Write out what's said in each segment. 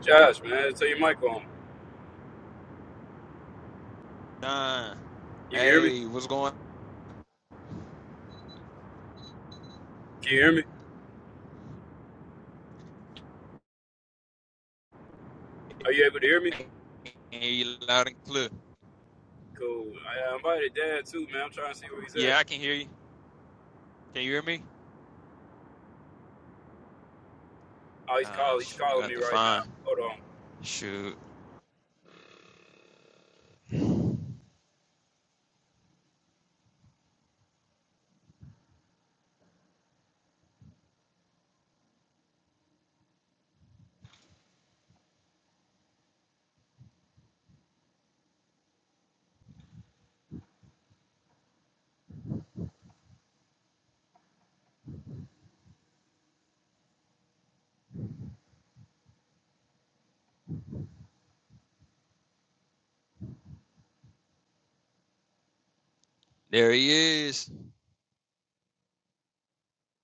Josh, man, tell your mic on. Don, You can hear me? hey, Can what's going on? you hear me? Are you able to hear me? I can hear you loud and clear. Cool. I I invited Dad too, man. I'm trying to see where he's at. Yeah, I can hear you. Can you hear me? Oh, he's Ah, calling. He's shoot, you got to calling have me to right find. now. Hold on. Shoot, there he is.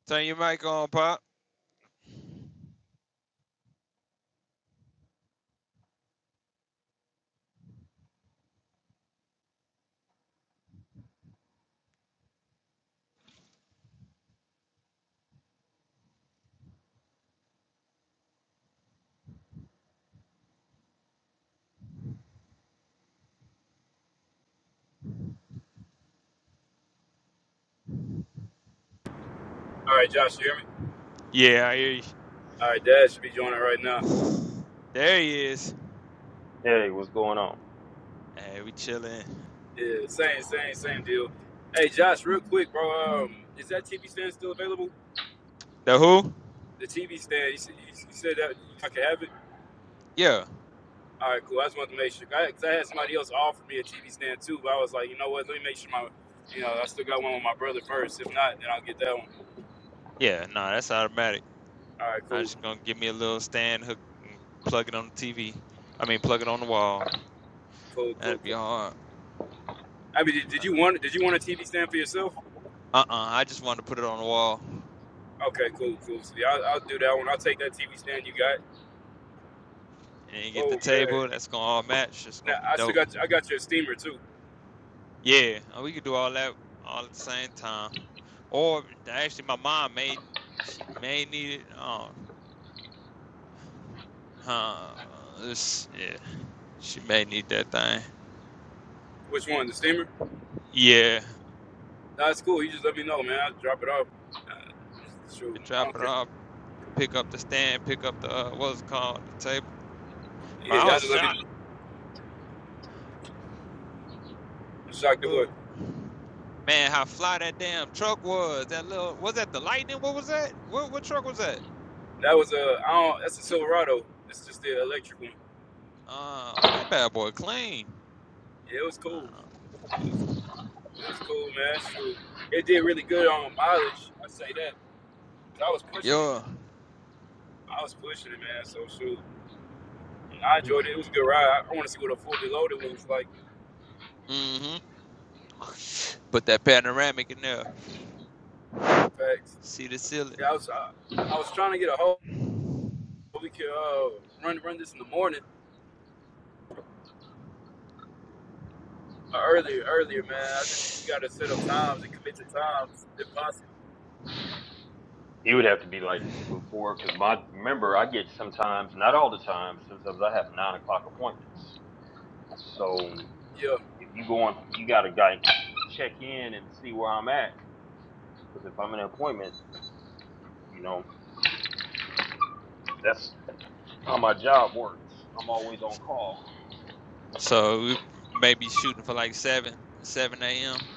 Turn your mic on, Pop. All right, Josh, you hear me? Yeah, I hear you. All right, Dad should be joining right now. There he is. Hey, what's going on? Hey, we chilling. Yeah, same, same, Hold same deal. Hey, Josh, real quick, bro. Um, is that TV stand still available? The who? The TV stand. You, s- you s- you said that I could have it. Yeah, All right, cool. I just wanted to make sure. I, Cause I had somebody else offer me a TV stand too, but I was like, you know what? Let me make sure my, you know, I still got one with my brother first. If not, then I'll get that one. yeah. No, nah, that's automatic. All right, I'm cool. just gonna give me a little stand hook, and plug it on the TV. I mean, plug it on the wall. Cool, cool, That'd be cool. hard. I mean, did, did you want did you want a TV stand for yourself? Uh-uh. I just wanted to put it on the wall. Okay, cool, cool. See, I'll, I'll do that one. I'll take that TV stand you got. and then you get the Oh man, table. That's gonna all match. It's now, gonna be I still dope. got I got your steamer too. Yeah, uh, we could do all that all at the same time. Or actually, my mom may she may need it. Um, huh? yeah, she may need that thing. Which one? The steamer? Yeah, Nah, That's cool. You just let me know, man. I'll drop it off. Uh, shoot, I drop don't it care. off. Pick up the stand. Pick up the uh, what's it called the table. Bro, Yeah, I y'all was just let me shocked. shock the wood. Oh. Man, how fly that damn truck was. That little was that the lightning? What was that? What what truck was that? That was a I don't. That's a Silverado. It's just the electric one. Oh, that bad boy clean. Yeah, it was cool. Uh, It was, it was cool, man. Shoot, it did really good on mileage. I say that. 'Cause I was pushing it. yeah. I was pushing it, man. So shoot. I on. enjoyed it. It was a good ride. I want to see what a fully loaded one's like. Mm-hmm. Put that panoramic in there. Facts. See the ceiling. Yeah, I was uh, I was trying to get a hold. We could uh, run run this in the morning or earlier earlier, man. I just we gotta set up times and commit to times if possible. It would have to be like before, because my remember I get sometimes, not all the time, sometimes I have nine o'clock appointments. So Yeah, if you go on, you gotta like check in and see where I'm at, because if I'm in an appointment, you know that's how my job works. I'm always on call. So we may be shooting for like seven, seven a.m.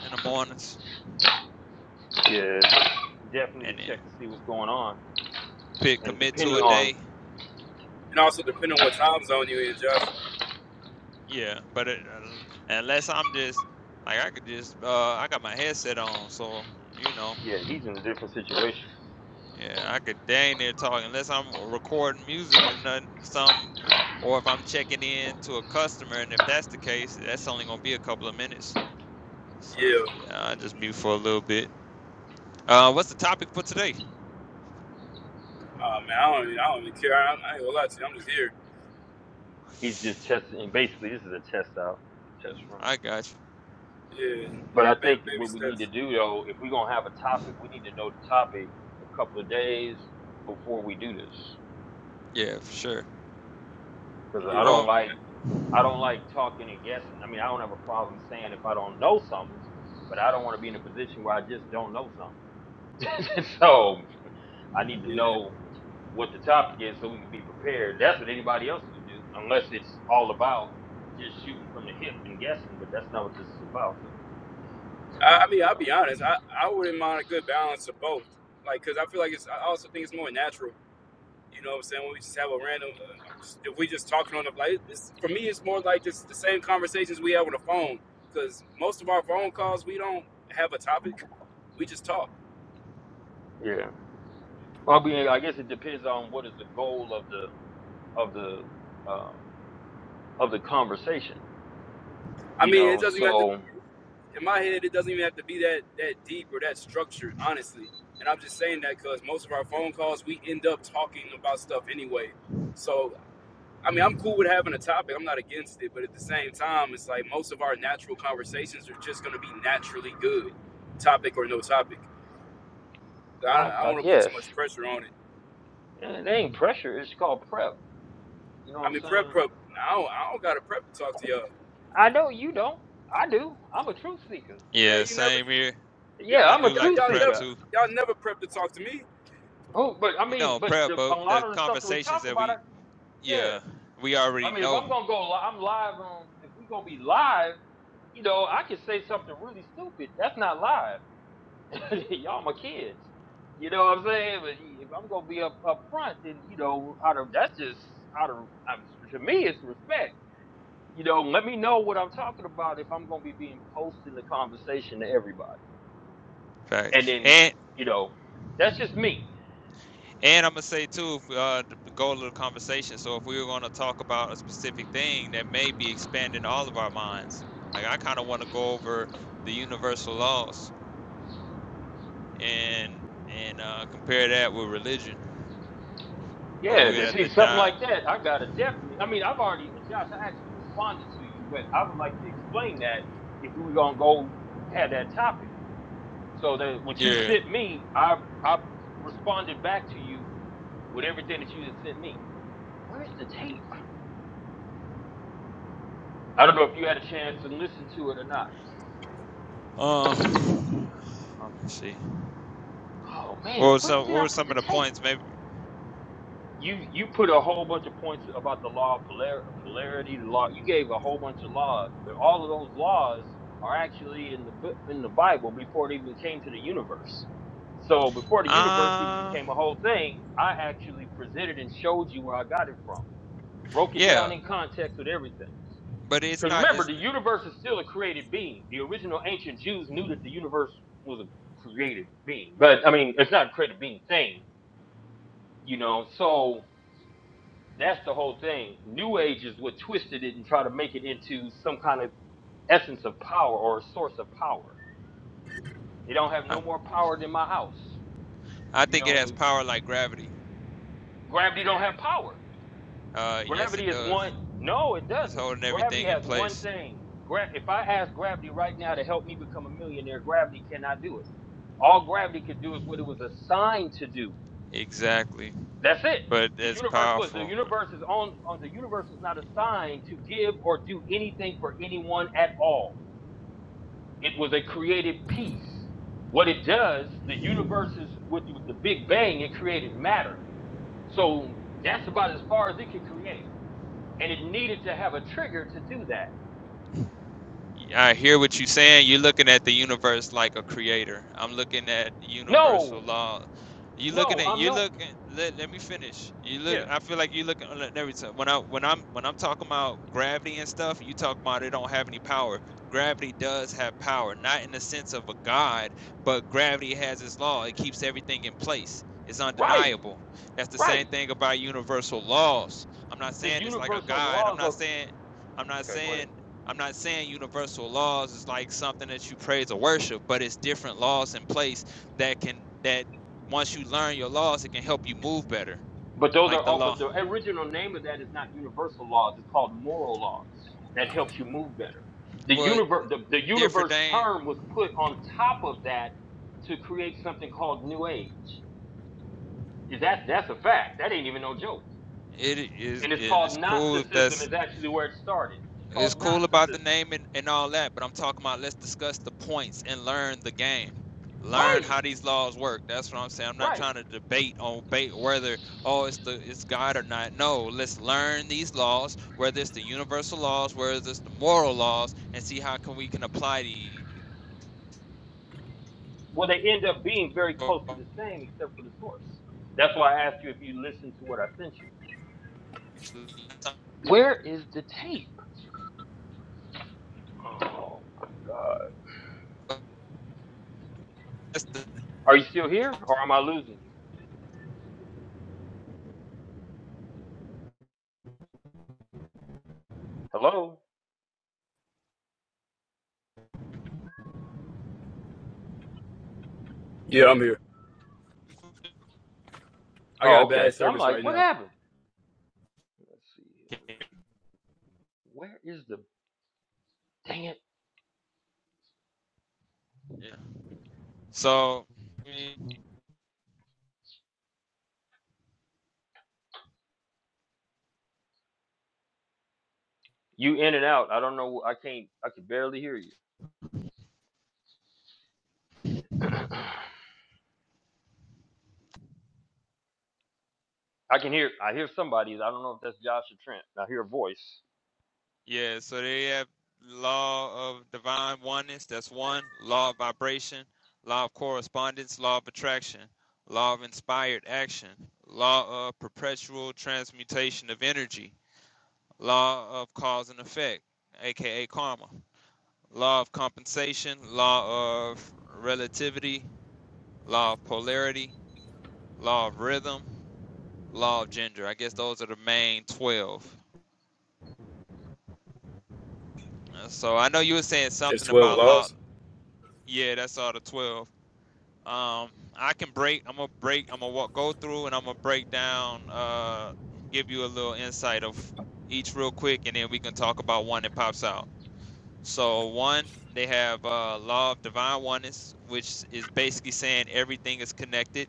in the mornings, Yeah, definitely to and then check to see what's going on, pick and commit to depending a so- on, day. and also depending on what time zone you in, Josh. Yeah, but it, uh, unless I'm just like I could just uh I got my headset on, so you know, yeah, he's in a different situation. yeah, I could dang there talking unless I'm recording music or nothing, some, or if I'm checking in to a customer, and if that's the case, that's only gonna be a couple of minutes. So Yeah, yeah, I just mute for a little bit. Uh, what's the topic for today? uh, man, I don't even, I don't even care. I, I ain't gonna lie to you. I'm just here. He's just testing. Basically, this is a test out. It's a test run. I got you. Yeah, But I baby, think baby what we need steps. to do though, if we're gonna have a topic, we need to know the topic a couple of days before we do this. Yeah, for sure. Because Yeah, I don't Well, like I don't like talking and guessing. I mean, I don't have a problem saying if I don't know something, but I don't want to be in a position where I just don't know something. so I need to yeah. know what the topic is so we can be prepared. That's what anybody else would do, unless it's all about just shooting from the hip and guessing. But that's not what this is about, though. I, I mean, You I'll be know? honest. I I wouldn't mind a good balance of both. Like, cause I feel like it's. I also think it's more natural You know what I'm saying? When we just have a random, uh, if we just talking on the like, this for me, it's more like just the same conversations we have on the phone. Because most of our phone calls, we don't have a topic. We just talk. Yeah. Well, I mean, I guess it depends on what is the goal of the of the um, of the conversation, I you mean, it know. doesn't even have to. So In my head, it doesn't even have to be that that deep or that structured, honestly. And I'm just saying that because most of our phone calls, we end up talking about stuff anyway. So, I mean, I'm cool with having a topic. I'm not against it, but at the same time, it's like most of our natural conversations are just going to be naturally good, topic or no topic. I, I, I don't I want to put too guess much pressure on it. it ain't pressure. It's called prep. You know what I I'm mean, prep, saying? prep. I don't, I don't got to prep to talk to y'all. I know you don't. I do. I'm a truth seeker. yeah, Man, you never, same here. Yeah, y'all, I you, I'm a do y'all, like truth to y'all prep never, seeker. too. y'all never prep to talk to me. Oh, but I You mean, know, but prep, the, but a the lot of the stuff that we conversations talk that about, I, we, yeah. yeah, we already I mean, if I'm know gonna go, li- I'm live on. If we gonna be live, you know, I could say something really stupid. That's not live. y'all my kids. You know what I'm saying? But if I'm gonna be up up front, then you know, out of that's just out of out of- to me, it's respect. You know, let me know what I'm talking about if I'm gonna be being posting the conversation to everybody. facts. And then And you know, that's just me. and I'm gonna say too, if, uh, the goal of the conversation. So if we were gonna talk about a specific thing that may be expanding all of our minds, like I kind of want to go over the universal laws and and uh, compare that with religion, but Yeah, we'd to have to see something dive. like that, I gotta definitely. I mean, I've already, Josh, I actually responded to you, but I would like to explain that if we were gonna go have that topic. So that what you Yeah. sent me, I I responded back to you with everything that you just sent me. Where's the tape? I don't know if you had a chance to listen to it or not. Uh, let me see. Oh man, Well, where so did what I were put some the of the tape? points? Maybe. You you put a whole bunch of points about the law of polar, polarity, the law. You gave a whole bunch of laws, but all of those laws are actually in the Bu- in the Bible before it even came to the universe. So before the universe even Uh, became a whole thing, I actually presented and showed you where I got it from, broke it yeah, down in context with everything. but it's Because not. remember, It's. the universe is still a created being. The original ancient Jews knew that the universe was a created being. But I mean, it's not a created being thing, you know. So that's the whole thing. New Ages would twisted it and try to make it into some kind of essence of power or a source of power. It don't have I. I no more power than my house. You think it has know, power like gravity. gravity don't have power. Uh, yes, Gravity it is does. one. No, it It's doesn't. holding Gravity everything in has one place. thing. Gra- if I ask gravity right now to help me become a millionaire, gravity cannot do it. All gravity could do is what it was assigned to do. Exactly. That's it. But The it's universe was the powerful. universe is on, on the universe was not assigned to give or do anything for anyone at all. It was a created piece. What it does, the universe is with, with the Big Bang, it created matter. So that's about as far as it could create. and it needed to have a trigger to do that. I hear what you're saying. You're looking at the universe like a creator. I'm looking at universal No, law. You looking no, at I'm you no. looking. Let, let me finish. You look. Yeah, I feel like you looking at every time when I when I'm when I'm talking about gravity and stuff. You talk about it mhm. don't have any power. Gravity does have power, not in the sense of a god, but gravity has its law. It keeps everything in place. It's right, undeniable. That's the same right. thing about universal laws. I'm not The saying it's like a universal god. I'm laws not are saying I'm not okay. Go ahead. saying I'm not saying universal laws is like something that you praise or worship, but it's different laws in place that can that once you learn your laws, it can help you move better. But those are Like the all. law, But the original name of that is not universal laws. It's called moral laws. That helps you move better. The well, universe, the, the different universe thing. term was put on top of that to create something called New Age. Is that that's a fact? That ain't even no joke. It is, And it's and it's called cool if Gnosticism. that's Is actually where it started. It's It's called cool about the Gnosticism. name and, and all that, but I'm talking about let's discuss the points and learn the game. Learn Right. how these laws work. That's what I'm saying. I'm not Right. trying to debate on bait whether oh it's the it's God or not. No, let's learn these laws, whether it's the universal laws, whether it's the moral laws, and see how can we can apply these. Well, they end up being very close to the same, except for the source. That's why I asked you if you listened to what I sent you. Where is the tape? Oh my God! Are you still here, or am I losing you? Hello? Yeah, I'm here. I got Oh, okay. bad So I'm service right like, what now. happened? Let's see. Where is the dang it? Yeah. So You in and out. I don't know. I can't. I can barely hear you. I can hear. I hear somebody. I don't know if that's Josh or Trent. I hear a voice. Yeah, so they have law of divine oneness, that's one, law of vibration, law of correspondence, law of attraction, law of inspired action, law of perpetual transmutation of energy, law of cause and effect, aka karma, law of compensation, law of relativity, law of polarity, law of rhythm, law of gender. I guess those are the main 12. Uh, So I know you were saying There's something 12 about law. laws. Yeah, that's all the 12. Um, I can break. I'm gonna break. I'm gonna walk, go through, and I'm gonna break down. Uh, give you a little insight of each real quick, and then we can talk about one that pops out. So one, they have uh, law of divine oneness, which is basically saying everything is connected.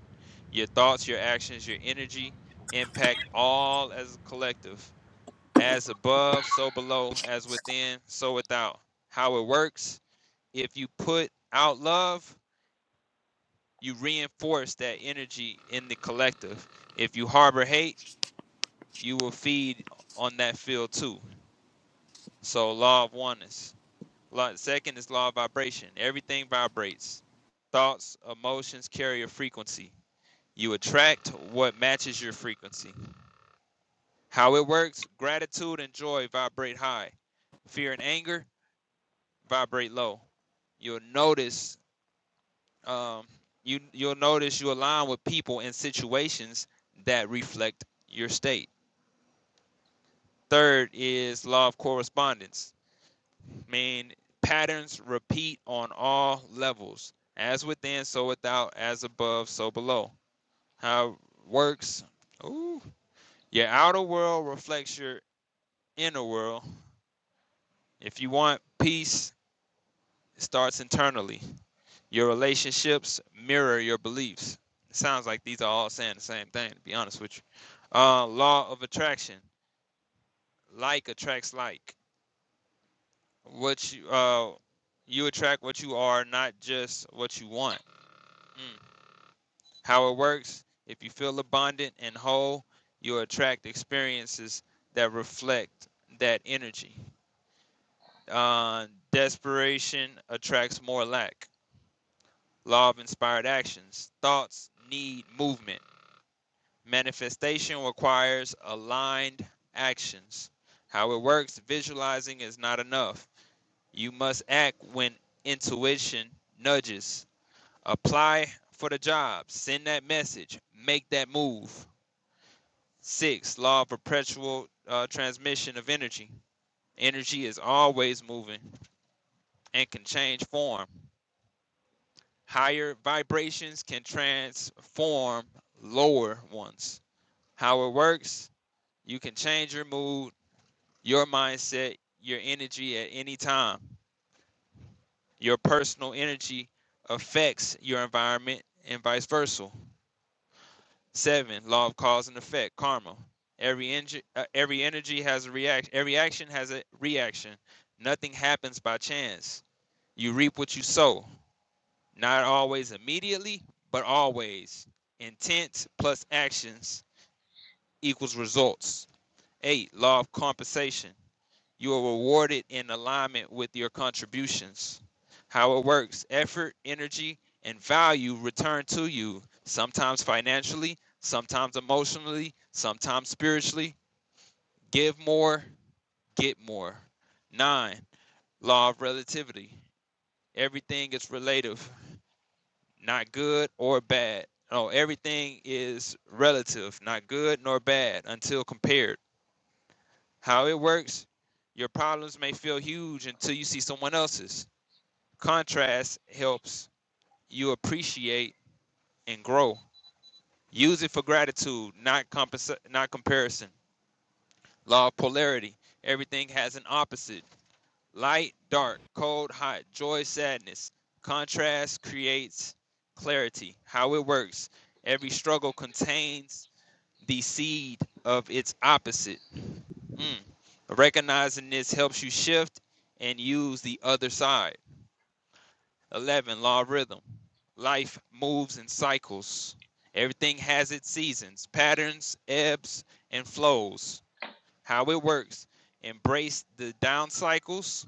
Your thoughts, your actions, your energy impact all as a collective. As above, so below. As within, so without. How it works: if you put out love, you reinforce that energy in the collective. If you harbor hate, you will feed on that field too. So law of oneness. Law, second is law of vibration. Everything vibrates. Thoughts, emotions carry a frequency. You attract what matches your frequency. How it works: gratitude and joy vibrate high. Fear and anger vibrate low. You'll notice um, you you'll notice you align with people and situations that reflect your state Third is law of correspondence, mean patterns repeat on all levels, as within, so without, as above, so below. How it works? Ooh, your outer world reflects your inner world. If you want peace, it starts internally. Your relationships mirror your beliefs. It sounds like these are all saying the same thing, to be honest with you. Uh, law of attraction: like attracts like. what you uh you attract what you are, not just what you want. Mm. How it works, if you feel abundant and whole, you attract experiences that reflect that energy. Uh, desperation attracts more lack. Law of inspired actions. Thoughts need movement. Manifestation requires aligned actions. How it works, visualizing is not enough. You must act when intuition nudges. apply for the job, send that message, make that move. Six, law of perpetual uh, transmission of energy. Energy is always moving and can change form. Higher vibrations can transform lower ones. How it works, you can change your mood, your mindset, your energy at any time. Your personal energy affects your environment and vice versa. Seven, law of cause and effect, karma. Every engi- uh, every energy has a react. Every action has a reaction. Nothing happens by chance. You reap what you sow. Not always immediately, but always. Intent plus actions equals results. Eight, law of compensation. You are rewarded in alignment with your contributions. How it works effort, energy, and value return to you, sometimes financially, sometimes emotionally, sometimes spiritually. Give more, get more. Nine, law of relativity. Everything is relative, not good or bad. No, everything is relative, not good nor bad until compared. How it works, your problems may feel huge until you see someone else's. Contrast helps you appreciate and grow. Use it for gratitude, not compensa- not comparison. Law of polarity. Everything has an opposite. Light, dark, cold, hot, joy, sadness. Contrast creates clarity. How it works. Every struggle contains the seed of its opposite. Mm. Recognizing this helps you shift and use the other side. 11. Law of rhythm. Life moves in cycles. Everything has its seasons, patterns, ebbs, and flows. How it works embrace the down cycles,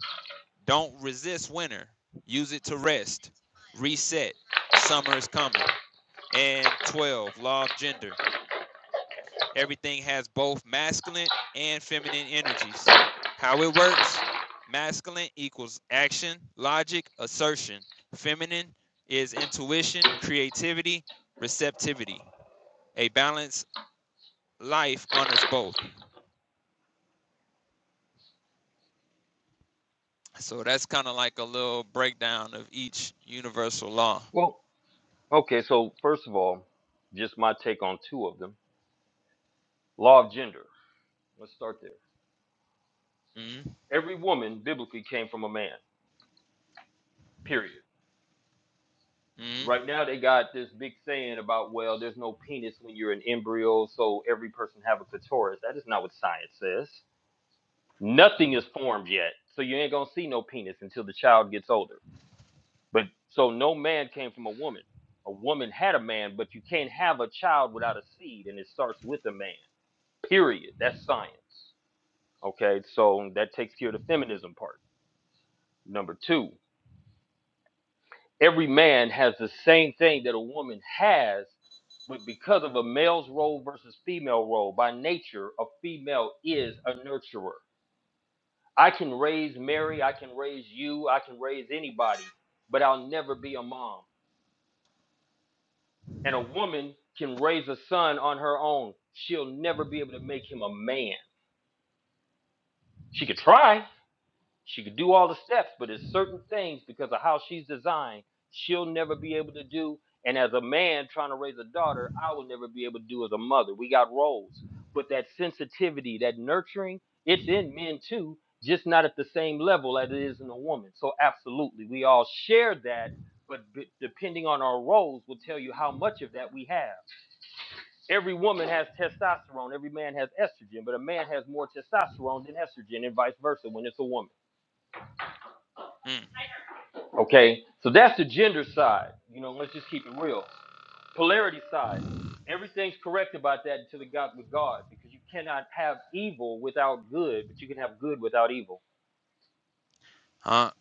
don't resist winter, use it to rest, reset. Summer is coming. And 12. Law of gender. Everything has both masculine and feminine energies. How it works masculine equals action, logic, assertion. Feminine is intuition, creativity, receptivity. A balanced life honors both. So that's kind of like a little breakdown of each universal law. Well, okay. So first of all, just my take on two of them. Law of gender. Let's start there. Mm, Every woman biblically came from a man, period. mm, Right now they got this big saying about, well, there's no penis when you're an embryo, so every person have a clitoris. That is not what science says. Nothing is formed yet, so you ain't gonna see no penis until the child gets older. But so no man came from a woman. A woman had a man, but you can't have a child without a seed, and it starts with a man. Period. That's science. Okay, so that takes care of the feminism part. Number two, Every man has the same thing that a woman has, but because of a male's role versus female role, by nature, a female is a nurturer. I can raise Mary, I can raise you, I can raise anybody, but I'll never be a mom. And a woman can raise a son on her own. She'll never be able to make him a man. She could try, She could do all the steps, but there's certain things because of how she's designed, she'll never be able to do. And as a man trying to raise a daughter, I will never be able to do as a mother. We got roles. But that sensitivity, that nurturing, it's in men too, just not at the same level as it is in a woman. So absolutely, we all share that, but b- depending on our roles will tell you how much of that we have. Every woman has testosterone, every man has estrogen, but a man has more testosterone than estrogen and vice versa when it's a woman. mm. Okay, so that's the gender side. You know, let's just keep it real. Polarity side. Everything's correct about that until it got with God, because you cannot have evil without good, but you can have good without evil. Huh?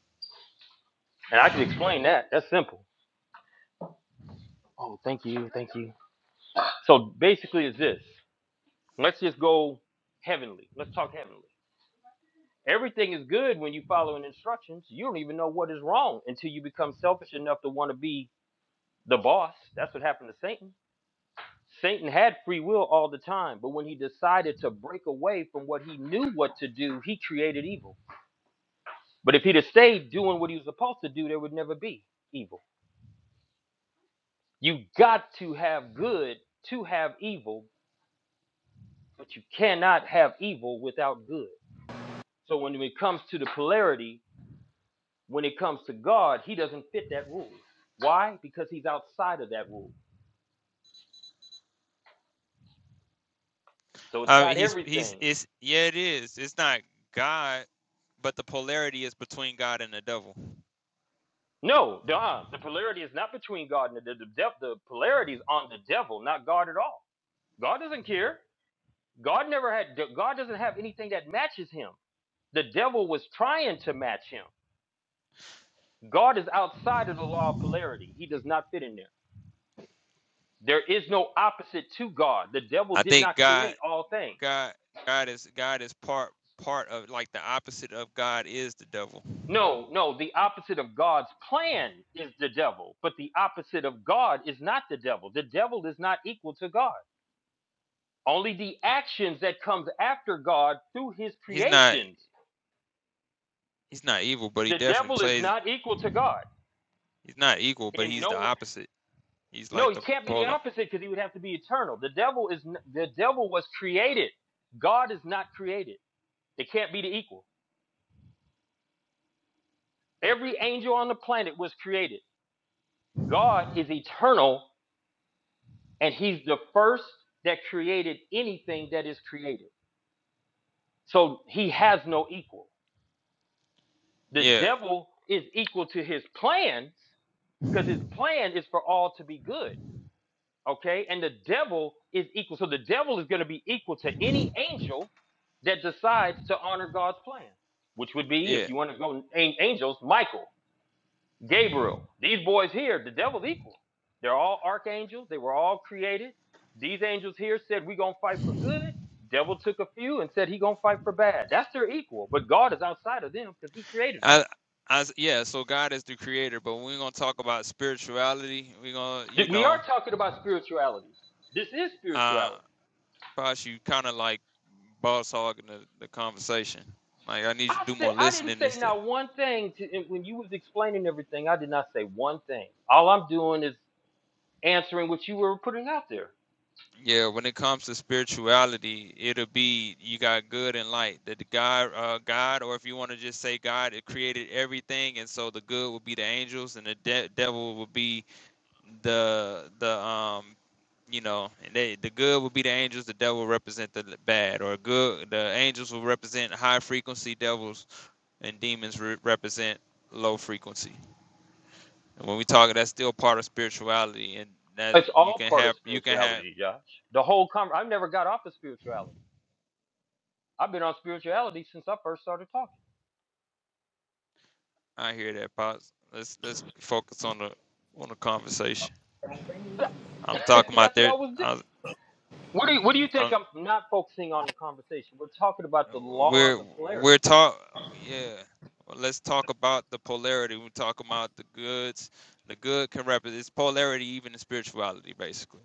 And I can explain that. That's simple. Oh, thank you, thank you. So basically, is this? Let's just go heavenly. Let's talk heavenly. Everything is good when you follow in instructions. You don't even know what is wrong until you become selfish enough to want to be the boss. That's what happened to Satan Satan had free will all the time, but when he decided to break away from what he knew what to do, he created evil. But if he'd have stayed doing what he was supposed to do, there would never be evil. You got to have good to have evil, but you cannot have evil without good. So when it comes to the polarity, when it comes to God, he doesn't fit that rule. Why? Because he's outside of that rule. So it's Uh, not he's he's everything. it's yeah it is. It's not God, but the polarity is between God and the devil. No, Don, the polarity is not between God and the, the, the devil. The polarity is on the devil, not God at all. God doesn't care. God never had. God doesn't have anything that matches him. The devil was trying to match him. God is outside of the law of polarity. He does not fit in there. There is no opposite to God. The devil I did think not God create all things. God God is God is part part of like the opposite of God is the devil. No, no, the opposite of God's plan is the devil, but the opposite of God is not the devil. The devil is not equal to God. Only the actions that comes after God through his He's not creations. he's not evil, but he The definitely devil is plays not equal to God. he's not equal, but In he's the no opposite. He's no, like he the can't be the polar. opposite because he would have to be eternal. The devil is the devil was created. God is not created. They can't be the equal. Every angel on the planet was created. God is eternal and he's the first that created anything that is created. So he has no equal. The Yeah, devil is equal to his plans because his plan is for all to be good. Okay, and the devil is equal. So the devil is going to be equal to any angel that decides to honor God's plan, which would be, if yeah. you want to go angels, Michael, Gabriel, these boys here, the devil's equal. They're all archangels. They were all created. These angels here said, we going to fight for good. Devil took a few and said he going to fight for bad. That's their equal. But God is outside of them because he created them. I, I, yeah, so God is the creator, but when we're gonna talk about spirituality, we're gonna you We are know, talking about spirituality. This is uh spirituality. Bosh, you kinda like boss hogging the, the conversation. Like I need you to I do said more I didn't listening say instead. not one thing to and when you was explaining everything. I did not say one thing. All I'm doing is answering what you were putting out there. Yeah, when it comes to spirituality, it'll be you got good and light. That the God, uh, God, or if you want to just say God, it created everything, and so the good would be the angels, and the de- devil would be the the um you know and they the good would be the angels, the devil represent the bad, or good the angels will represent high frequency, devils and demons re- represent low frequency. And when we talk, that's still part of spirituality, and that It's you all can part of have you can have spirituality, Josh. The whole com I've never got off of spirituality. I've been on spirituality since I first started talking. I hear that, pops. Let's let's focus on the on the conversation. I'm talking about That's what I there. was doing. I, What do you, what do you think? I'm, I'm not focusing on the conversation. We're talking about the we're laws of polarity. we're talk. Yeah. Well, let's talk about the polarity. We're talking about the goods. The good can represent it's polarity, even in spirituality, basically.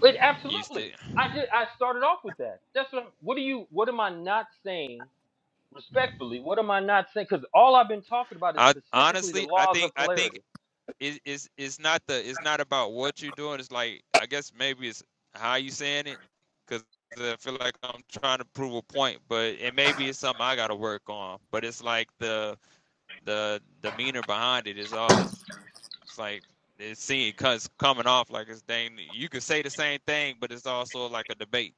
But Used it. absolutely, I did. I started off with that. That's what. I'm, what do you? What am I not saying respectfully, what am I not saying? Because all I've been talking about is I specifically the honestly, I laws think of I think polarity. is is is not the it's not about what you're doing. It's like I guess maybe it's how you saying it, because I feel like I'm trying to prove a point, but and maybe it's something I got to work on. But it's like the the demeanor behind it is always it's like it seems cause coming off like it's dang. You could say the same thing, but it's also like a debate.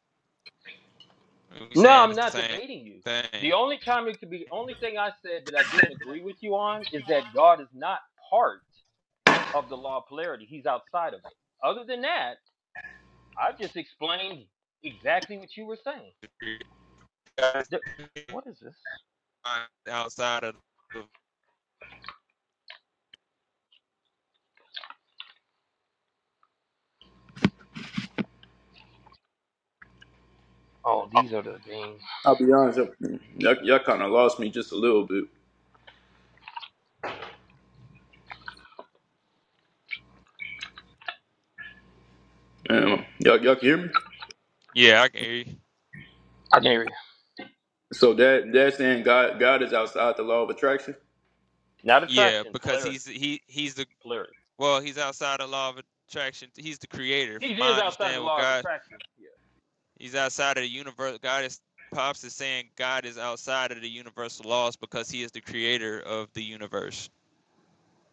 We No, saying I'm the not same debating you. thing. The only time it could be, only thing I said that I didn't agree with you on is that God is not part of the law of polarity. He's outside of it. Other than that, I just explained exactly what you were saying. You guys The- what is this? Outside of the, Oh, these are the things. I'll be honest. Y'all, y'all, y'all kind of lost me just a little bit. Um, y'all, y'all can hear me? yeah, I can hear you. I can't read. So that that's saying God God is outside the law of attraction. Not Yeah, attraction, because polarity. he's he he's the Polarity. Well, he's outside of law of attraction. He's the creator. He From is my outside the understanding, with law of God, attraction. Yeah. he's outside of the universe. God is pops is saying God is outside of the universal laws because he is the creator of the universe.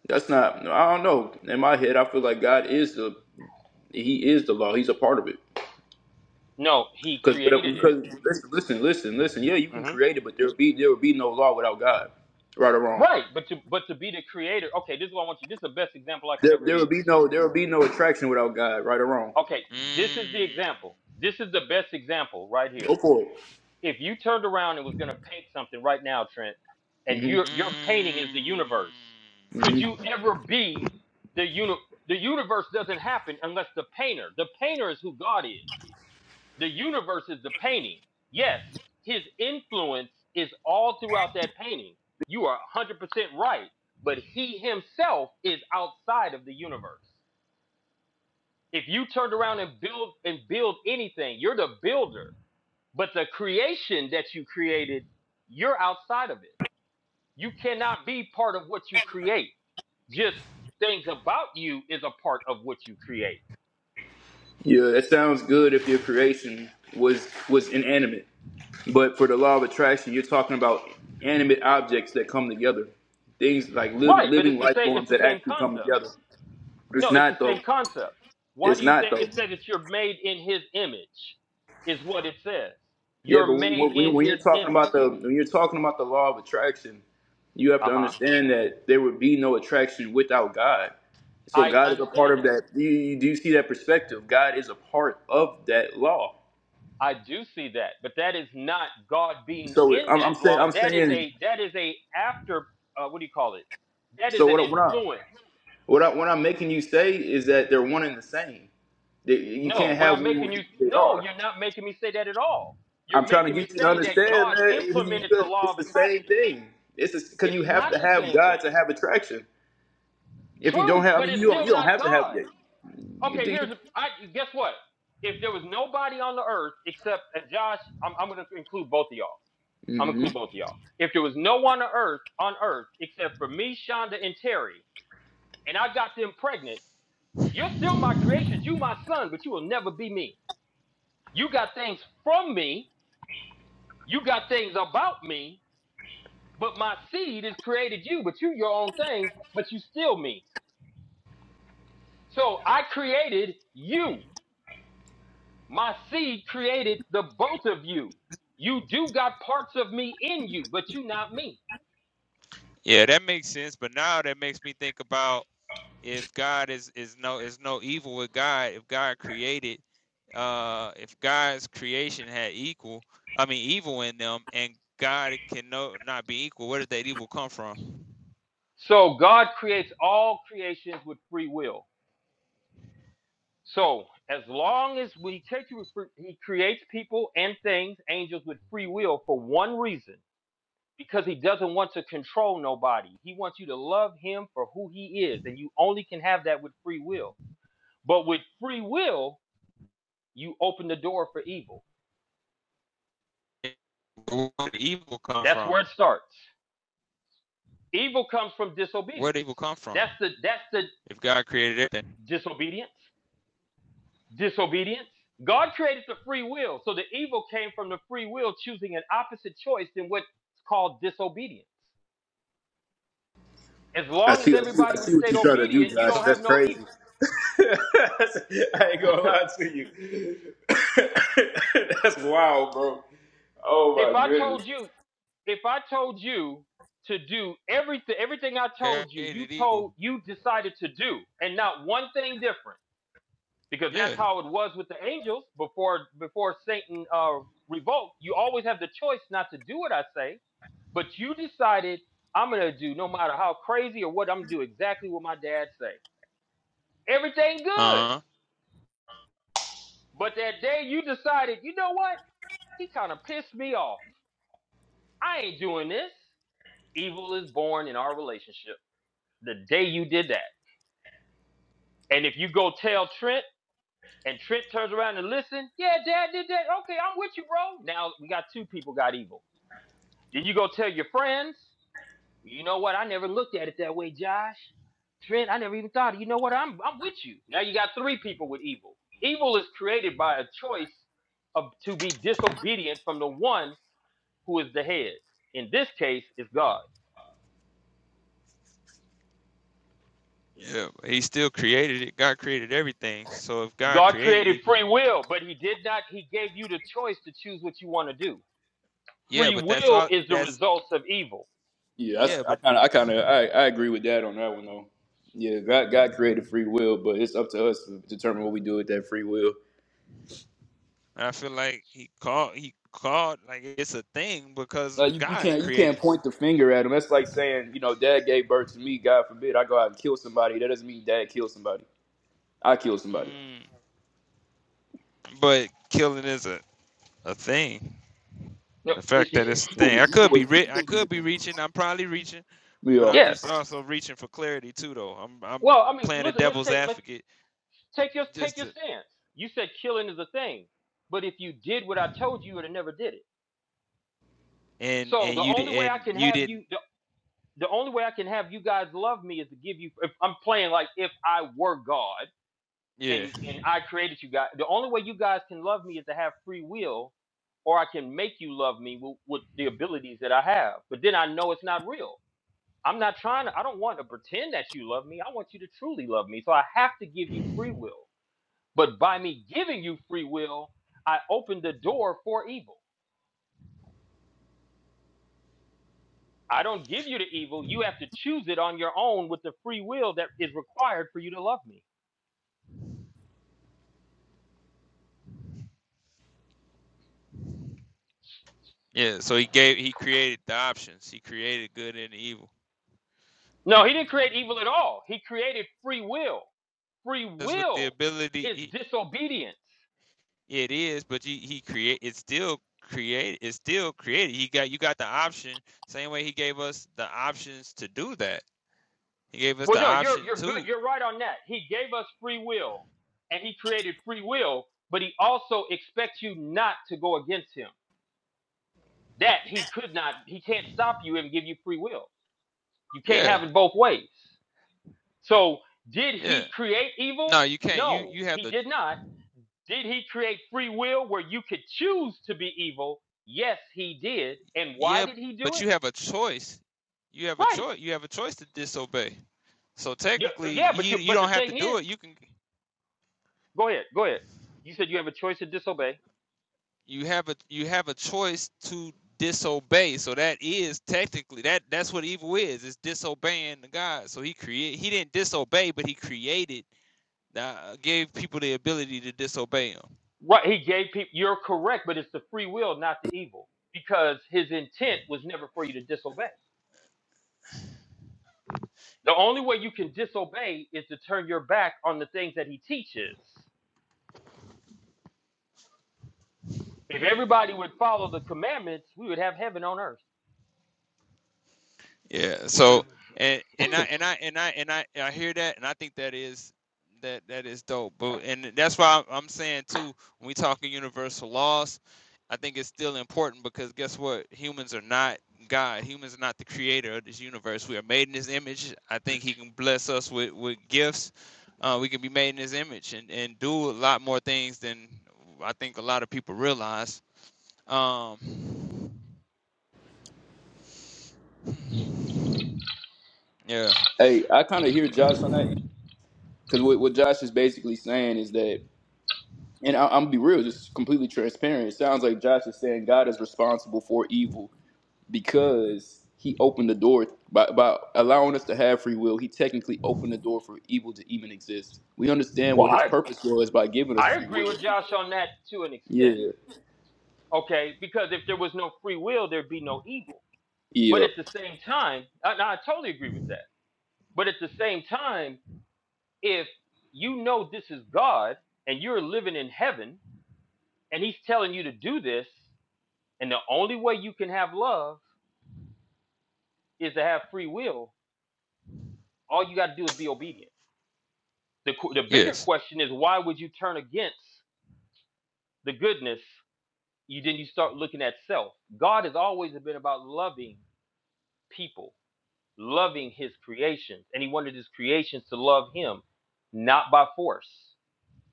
That's not. I don't know. In my head, I feel like God is the He is the law. He's a part of it. No, he Because created it. because listen, listen, listen, listen. Yeah, you can hmm create it, but there would be there would be no law without God, right or wrong. Right, but to but to be the creator, okay, this is what I want you. This is the best example I can There ever there would use. be no there would be no attraction without God, right or wrong. Okay, this is the Mm. example. This is the best example right here. Go for If you turned around and was gonna paint something right now, Trent, and it. your your painting is Mm. the universe, hmm could hmm you ever be the uni? The universe doesn't happen unless the painter. The painter is who God is. The universe is the painting. Yes, his influence is all throughout that painting. You are 100% right. But he himself is outside of the universe. If you turned around and build and build anything, you're the builder. But the creation that you created, you're outside of it. You cannot be part of what you create. Just things about you is a part of what you create. Yeah, that sounds good if your creation was was inanimate, but for the law of attraction, you're talking about animate objects that come together, things like liv- Right, but living it's the life same forms it's the that same actually come concept together. It's No, it's the not though. same concept. Why It's do you not think though. it says that you're made in his image? Is what it says. Yeah, You're but when, made when in when you're his talking image. about the when you're talking about the law of attraction, you have Uh to huh. understand that there would be no attraction without God. So I God is a part understand of that. that. Do you, do you see that perspective? God is a part of that law. I do see that, but that is not God being So in I'm, I'm that saying law. I'm That is saying. a that is a after uh, what do you call it? That is So an what I- what I influence. what I what I'm making you say is that they're one and the same. They, you No, can't what have I'm one. making where you They no, are. you're not making me say that at all. You're I'm trying to making me get you to say that understand, God man. You- implemented the law It's of the same attraction. thing. It's because you It's have not to the have same God thing. to have attraction. If you don't True, have, I but mean, it's you don't still you don't not have to have God. that. You Okay, do. here's a, I guess what? If there was nobody on the earth except and Josh, I'm, I'm gonna include both of y'all. I'm gonna hmm include both of y'all. If there was no one on earth on earth except for me, Shonda, and Terry, and I got them pregnant, you're still my creations. You my son, but you will never be me. You got things from me. You got things about me. But my seed has created you. But you your own thing. But you still me. So I created you. My seed created the both of you. You do got parts of me in you, but you not me. Yeah, that makes sense. But now that makes me think about if God is is no is no evil with God, if God created, uh, if God's creation had equal, I mean evil in them, and God can no not be equal. Where did that evil come from? So God creates all creations with free will. So as long as we take you, He creates people and things, angels with free will for one reason, because He doesn't want to control nobody. He wants you to love Him for who He is, and you only can have that with free will. But with free will, you open the door for evil. Where did evil come That's from? where it starts. Evil comes from Where disobedience. did evil come from? That's the that's the If God created everything, disobedience. Disobedience. God created the free will, so the evil came from the free will choosing an opposite choice than what's called disobedience. As I long as see, I see, I everybody would see have what stayed you're trying to do, obedient, you Josh. So, don't have That's no crazy. evil. I ain't gonna lie to you. that's wild, bro. Oh if my. I told you, if I told you to do everything, everything I God told you, you created evil. told you decided to do, and not one thing different. because Yeah. that's how it was with the angels before before Satan uh, revolt. You always have the choice not to do what I say, but you decided I'm gonna do no matter how crazy or what I'm gonna do exactly what my dad say. Everything good, Uh. huh but that day you decided, you know what? He kind of pissed me off. I ain't doing this. Evil is born in our relationship. The day you did that, and if you go tell Trent. And Trent turns around and listen. Yeah, Dad did that. Okay, I'm with you, bro. Now we got two people got evil Then you go tell your friends, you know what? I never looked at it that way, Josh. Trent, I never even thought of You know what? I'm I'm with you. Now you got three people with evil. Evil is created by a choice of to be disobedient from the one who is the head. In this case, it's God. Yeah. He still created it. God created everything. So if God God created created evil, free will, but he did not he gave you the choice to choose what you want to do. yeah, Free but that's will all. is the That's results of evil. Yeah, that's, yeah, I but kind of, I kind of, I, I agree with Dad on that one though. Yeah, God, God created free will, but it's up to us to determine what we do with that free will. And I feel like he called he called like it's a thing because Like you, you God can't, you can't created. point the finger at him. That's like saying, you know, Dad gave birth to me. God forbid I go out and kill somebody. That doesn't mean Dad killed somebody. I killed somebody. Mm, but killing is a, a thing. No, The fact that it's a thing. Evil, I could evil, be is, re- I evil is a could be thing. reaching. I'm probably reaching, but Yeah. I'm Yeah. just also reaching for clarity too though. I'm I'm Well, I mean, playing the let's, let's devil's take let's advocate Take your take just your to stance. You said killing is a thing, but if you did what I told you, you would have never did it. and So and the you only di- way I and can you have didn't you the, the only way I can have you guys love me is to give you if I'm playing like if I were God yeah. and and I created you guys. The only way you guys can love me is to have free will or I can make you love me with, with the abilities that I have. But then I know it's not real. I'm not trying to I don't want to pretend that you love me. I want you to truly love me. So I have to give you free will. But by me giving you free will, I open the door for evil. I don't give you the evil. You have to choose it on your own with the free will that is required for you to love me. Yeah, so he gave he created the options. He created good and evil. No, he didn't create evil at all. He created free will. Free That's what the will ability is he, disobedience. It is, but you, he create. It's still create. It's still created. He got you got the option. Same way he gave us the options to do that. He gave us Well, the no, you're option you're good. to. You're right on that. He gave us free will and he created free will, but he also expects you not to go against him. That he could not, he can't stop you and give you free will. You can't Yeah, have it both ways. So, did yeah. he create No, evil? you can't. You No, you have he the did not. Did he create free will where you could choose to be evil? Yes, he did. And why yeah, did he do but it? you have a choice. You have a Right. choice. You have a choice to disobey. So Yeah, technically, yeah but you he you but the don't have to thing do is, it. You can. go ahead, go ahead. You said you have a choice to disobey. you have a you have a choice to disobey so that is technically that that's what evil is it's disobeying the god so he create he didn't disobey but he created uh, gave people the ability to disobey him Right, he gave people you're correct, but it's the free will, not the evil, because his intent was never for you to disobey. The only way you can disobey is to turn your back on the things that he teaches. If everybody would follow the commandments, we would have heaven on earth. Yeah. But So if, and and I and I and I and I I hear that, and I think that is that that is dope. But and that's why I'm saying too, when we talking universal laws, I think it's still important because guess what? Humans are not God. Humans are not the creator of this universe. We are made in His image. I think He can bless us with with gifts. Uh, we can be made in His image and and do a lot more things than I think a lot of people realize. Um. Yeah. Hey, I kind of hear Josh on that because what, what Josh is basically saying is that, and I, I'm gonna be real, just completely transparent. It sounds like Josh is saying God is responsible for evil because He opened the door by by allowing us to have free will. He technically opened the door for evil to even exist. We understand well, what His I purpose was by giving us I free agree will. with Josh on that to an extent. Yeah. Okay, because if there was no free will, there'd be no evil. But Yeah. at the same time, I, I totally agree with that. But at the same time, if you know this is God and you're living in heaven and He's telling you to do this, and the only way you can have love is to have free will, all you got to do is be obedient. The, the bigger Yes. question is why would you turn against the goodness you then you start looking at self. God has always been about loving people, loving his creations, and he wanted his creations to love him, not by force.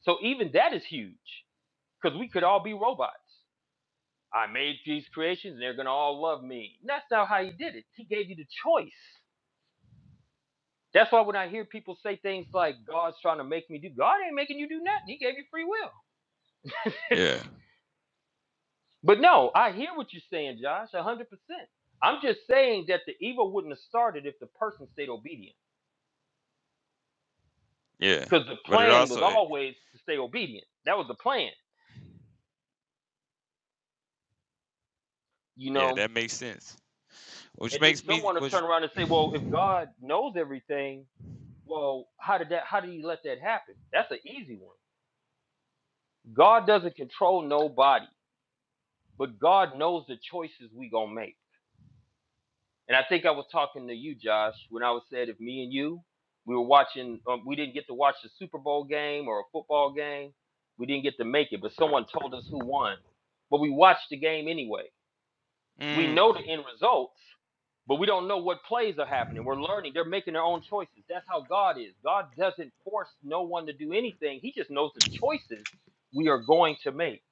So even that is huge because we could all be robots. I made these creations and they're going to all love me. And that's not how he did it. He gave you the choice. That's why when I hear people say things like God's trying to make me do, God ain't making you do nothing. He gave you free will. Yeah. But no, I hear what you're saying, Josh, 100%. I'm just saying that the evil wouldn't have started if the person stayed obedient Yeah, because the but it plan was also it, always to stay obedient. That was the plan, you yeah know? that makes sense, which And then makes me someone will which. turn around and say, well, if God knows everything, well, how did that, how did he let that happen? That's an easy one. God doesn't control nobody, but God knows the choices we gonna make. And I think I was talking to you, Josh, when I was said if me and you, we were watching, um, we didn't get to watch the Super Bowl game or a football game. We didn't get to make it, but someone told us who won. But we watched the game anyway. We Mm. know the end results, but we don't know what plays are happening. We're learning. They're making their own choices. That's how God is. God doesn't force no one to do anything, He just knows the choices we are going to make,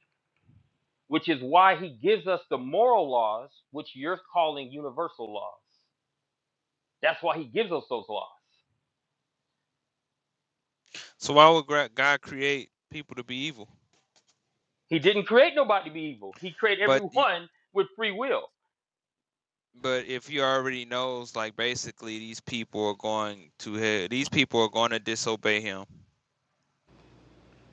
which is why He gives us the moral laws, which you're calling universal laws. That's why he gives us those laws. So why would gra- God create people to be evil? He didn't create nobody to be evil. He created But y- everyone with free will. but if He already knows, like basically these people are going to hell. These people are going to disobey Him.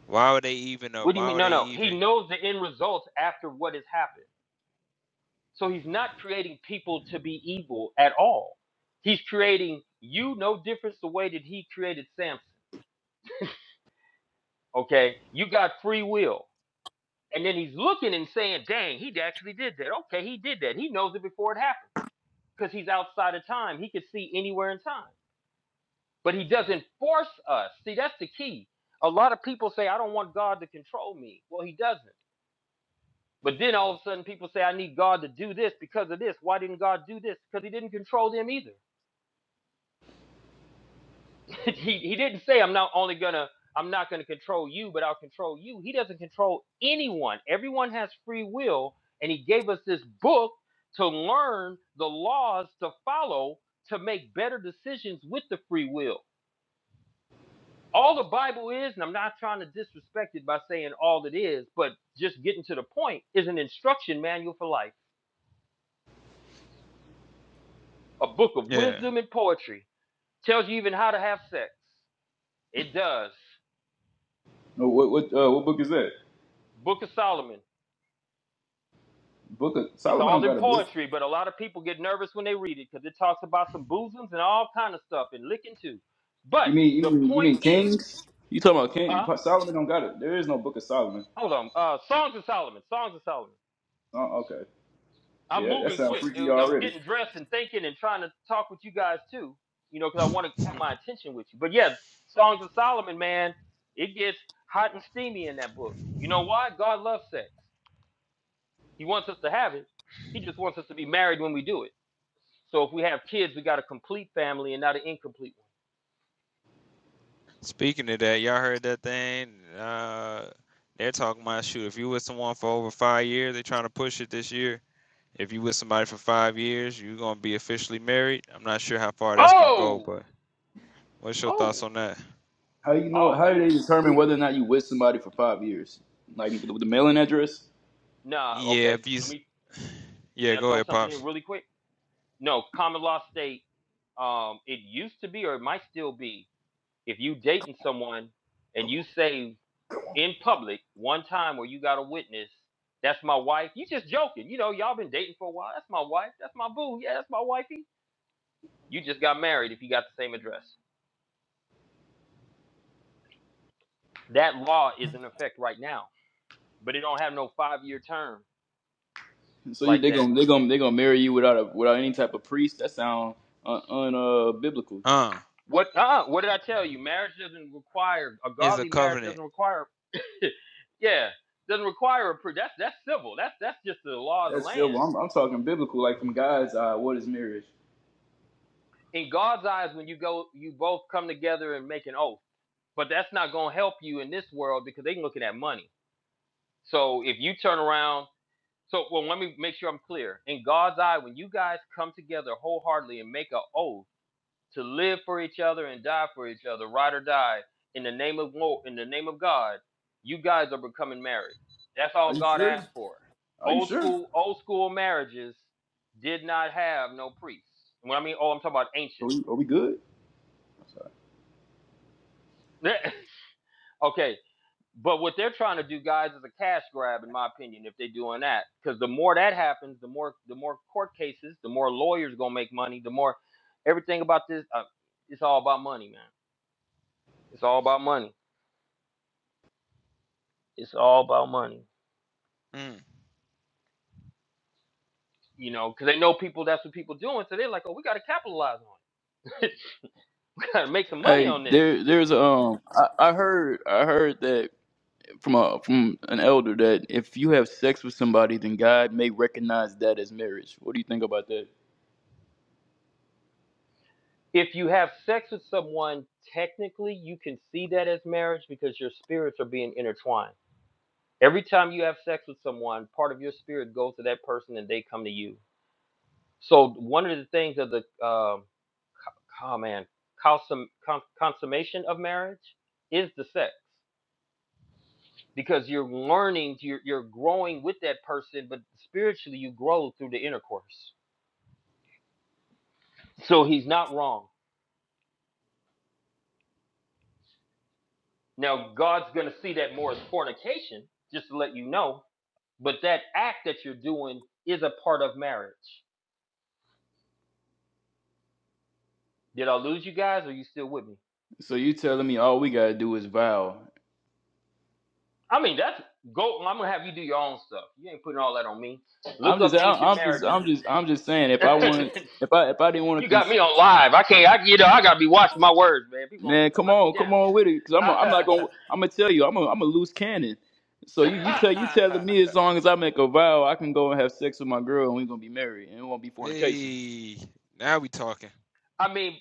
Why would they even? Uh, What do you why mean? would No, they no. He even? knows the end results after what has happened. So he's not creating people to be evil at all. He's creating you no difference the way that he created Samson. Okay? You got free will. And then he's looking and saying, dang, he actually did that. Okay, he did that. He knows it before it happens because he's outside of time. He could see anywhere in time. but he doesn't force us. See, that's the key. A lot of people say, I don't want God to control me. Well, he doesn't. But then all of a sudden, people say, I need God to do this because of this. Why didn't God do this? Because he didn't control them either. he, he didn't say, I'm not only going to. I'm not going to control you, but I'll control you. He doesn't control anyone. Everyone has free will, and He gave us this book to learn the laws to follow to make better decisions with the free will. all the Bible is, and I'm not trying to disrespect it by saying all it is, but just getting to the point, is an instruction manual for life. A book of Yeah. wisdom and poetry. Tells you even how to have sex. It does. No, what what uh, what book is that? Book of Solomon. Book of It's Solomon all don't in got a book. poetry, but a lot of people get nervous when they read it because it talks about some bosoms and all kind of stuff and licking too. But You mean you the mean you point mean is, Kings? You talking about King huh? Solomon? Don't got it. There is no Book of Solomon. Hold on. Uh, Songs of Solomon. Songs of Solomon. Oh, okay. I'm Yeah, that, that moving sounds quick, freaky dude. I'm already. getting dressed and thinking and trying to talk with you guys too, you know, because I want to have my attention with you. But yeah, Songs of Solomon, man, it gets hot and steamy in that book. You know why? God loves sex. He wants us to have it. He just wants us to be married when we do it. So if we have kids, we got a complete family and not an incomplete Speaking of that, y'all heard that thing? Uh, they're talking about shoot. If you with someone for over five years, they're trying to push it this year. If you with somebody for five years, you're gonna be officially married. I'm not sure how far one. that's gonna go, Oh, but what's your oh, thoughts on that? How you know? oh, How do they dude. determine whether or not you with somebody for five years? Like with the mailing address? Nah, Yeah, okay. if Let he's me. yeah, Can I go throw ahead, something in pops. really quick? No, common law state. Um, it used to be, or it might still be. If you dating someone and you say in public one time where you got a witness, that's my wife, you just joking. You know, y'all been dating for a while. That's my wife. That's my boo. Yeah, that's my wifey. You just got married if you got the same address. That law is in effect right now, but it don't have no five year term So you, like they that. gonna they gonna they gonna marry you without a without any type of priest? That sound un, un uh, biblical. Uh, What uh what did I tell you? Marriage doesn't require a it's a godly marriage covenant. doesn't require yeah, doesn't require a pre that's that's civil. That's that's just the law of the That's land. still I'm, I'm talking biblical. Like from God's eye, what is marriage? in God's eyes when you go you both come together and make an oath. But that's not gonna help you in this world because they can look at that money. So if you turn around so well let me make sure I'm clear. In God's eye, when you guys come together wholeheartedly and make an oath to live for each other and die for each other, ride or die, in the name of in the name of God, you guys are becoming married. That's Are all you God asked sure? for. Are you Old sure? school old school marriages did not have no priests. When I mean oh I'm talking about Are ancient. we, are we good? Okay, but what they're trying to do, guys, is a cash grab, in my opinion, if they're doing that. Because the more that happens, the more the more court cases, the more lawyers gonna make money, the more everything about this. Uh, it's all about money, man. It's all about money. It's all about money. Mm. You know, because they know people. That's what people doing. So they're like, oh, we gotta capitalize on it. gotta make some money Hey, on this. there there's um I, I heard I heard that from a from an elder that if you have sex with somebody, then God may recognize that as marriage. What do you think about that? If you have sex with someone, technically you can see that as marriage because your spirits are being intertwined Every time you have sex with someone, part of your spirit goes to that person and they come to you. So one of the things of the um oh man consum, con, consummation of marriage is the sex because you're learning you're, you're growing with that person, but spiritually you grow through the intercourse. So he's not wrong. Now God's gonna see that more as fornication, just to let you know. But that act that you're doing is a part of marriage. Did I lose you guys? Or are you still with me? So you telling me all we gotta do is vow? I mean, that's go. I'm gonna have you do your own stuff. You ain't putting all that on me. I'm Look just up I- ancient I'm just marriages. I'm just I'm just saying if And I want if I if I didn't want you to got cons- me on live. I can't. I you know I gotta be watching my words, man. People man gonna come hunt me on come down. on with it because I'm a, I'm not gonna I'm gonna tell you I'm a I'm a loose cannon. So you you tell you telling me as long as I make a vow I can go and have sex with my girl and we're gonna be married and it won't be fornication. Hey, now we talking. I mean,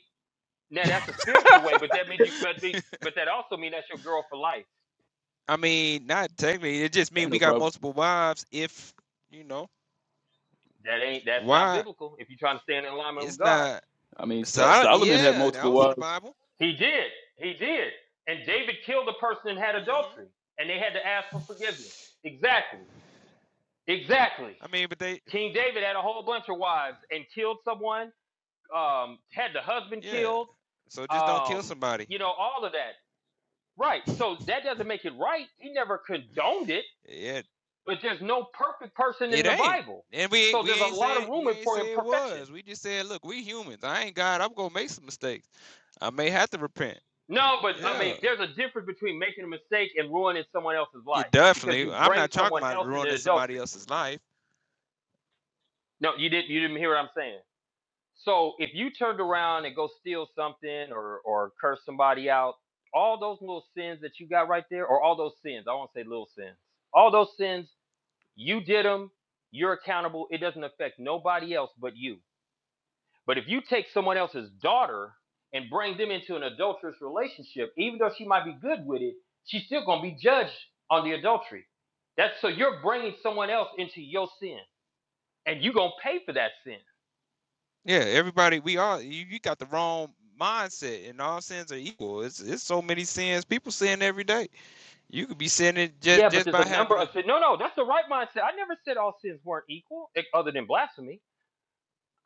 now that's a spiritual way, but that means you. But be, but that also means that's your girl for life. I mean, not technically. It just means Ain't we no got problem. multiple wives. If you know That ain't. That's not why, biblical. If you're trying to stand in alignment with it's God, not. I mean So Sol- I- Solomon had yeah, that multiple was in the wives. Bible. he did. He did. And David killed a person and had hmm adultery, and they had to ask for forgiveness. Exactly. Exactly. I mean, but they King David had a whole bunch of wives and killed someone, um, had the husband yeah. killed, So just don't kill um, somebody. you know, all of that. Right. So that doesn't make it right. He never condoned it, Yeah, but there's no perfect person in It the ain't. Bible. And we So we there's a ain't lot of say room we ain't for say it imperfection. was. We just said, look, we humans. I ain't God. I'm gonna make some mistakes. I may have to repent. No, but I mean, Yeah. there's a difference between making a mistake and ruining someone else's Yeah, life because definitely. you I'm bring not talking someone about else into ruining somebody adultery. else's life. No, you didn't. You didn't hear what I'm saying. So if you turned around and go steal something or or curse somebody out, all those little sins that you got right there, or all those sins, I won't say little sins, all those sins, you did them, you're accountable. It doesn't affect nobody else but you. But if you take someone else's daughter and bring them into an adulterous relationship, even though she might be good with it, she's still gonna be judged on the adultery. That's so you're bringing someone else into your sin, and you're gonna pay for that sin. Yeah, everybody we all you, you got the wrong mindset and all sins are equal. It's it's so many sins. People sin every day. You could be sinning just Yeah, but just there's a by number having a of sins. No, no, that's the right mindset. I never said all sins weren't equal, e- other than blasphemy.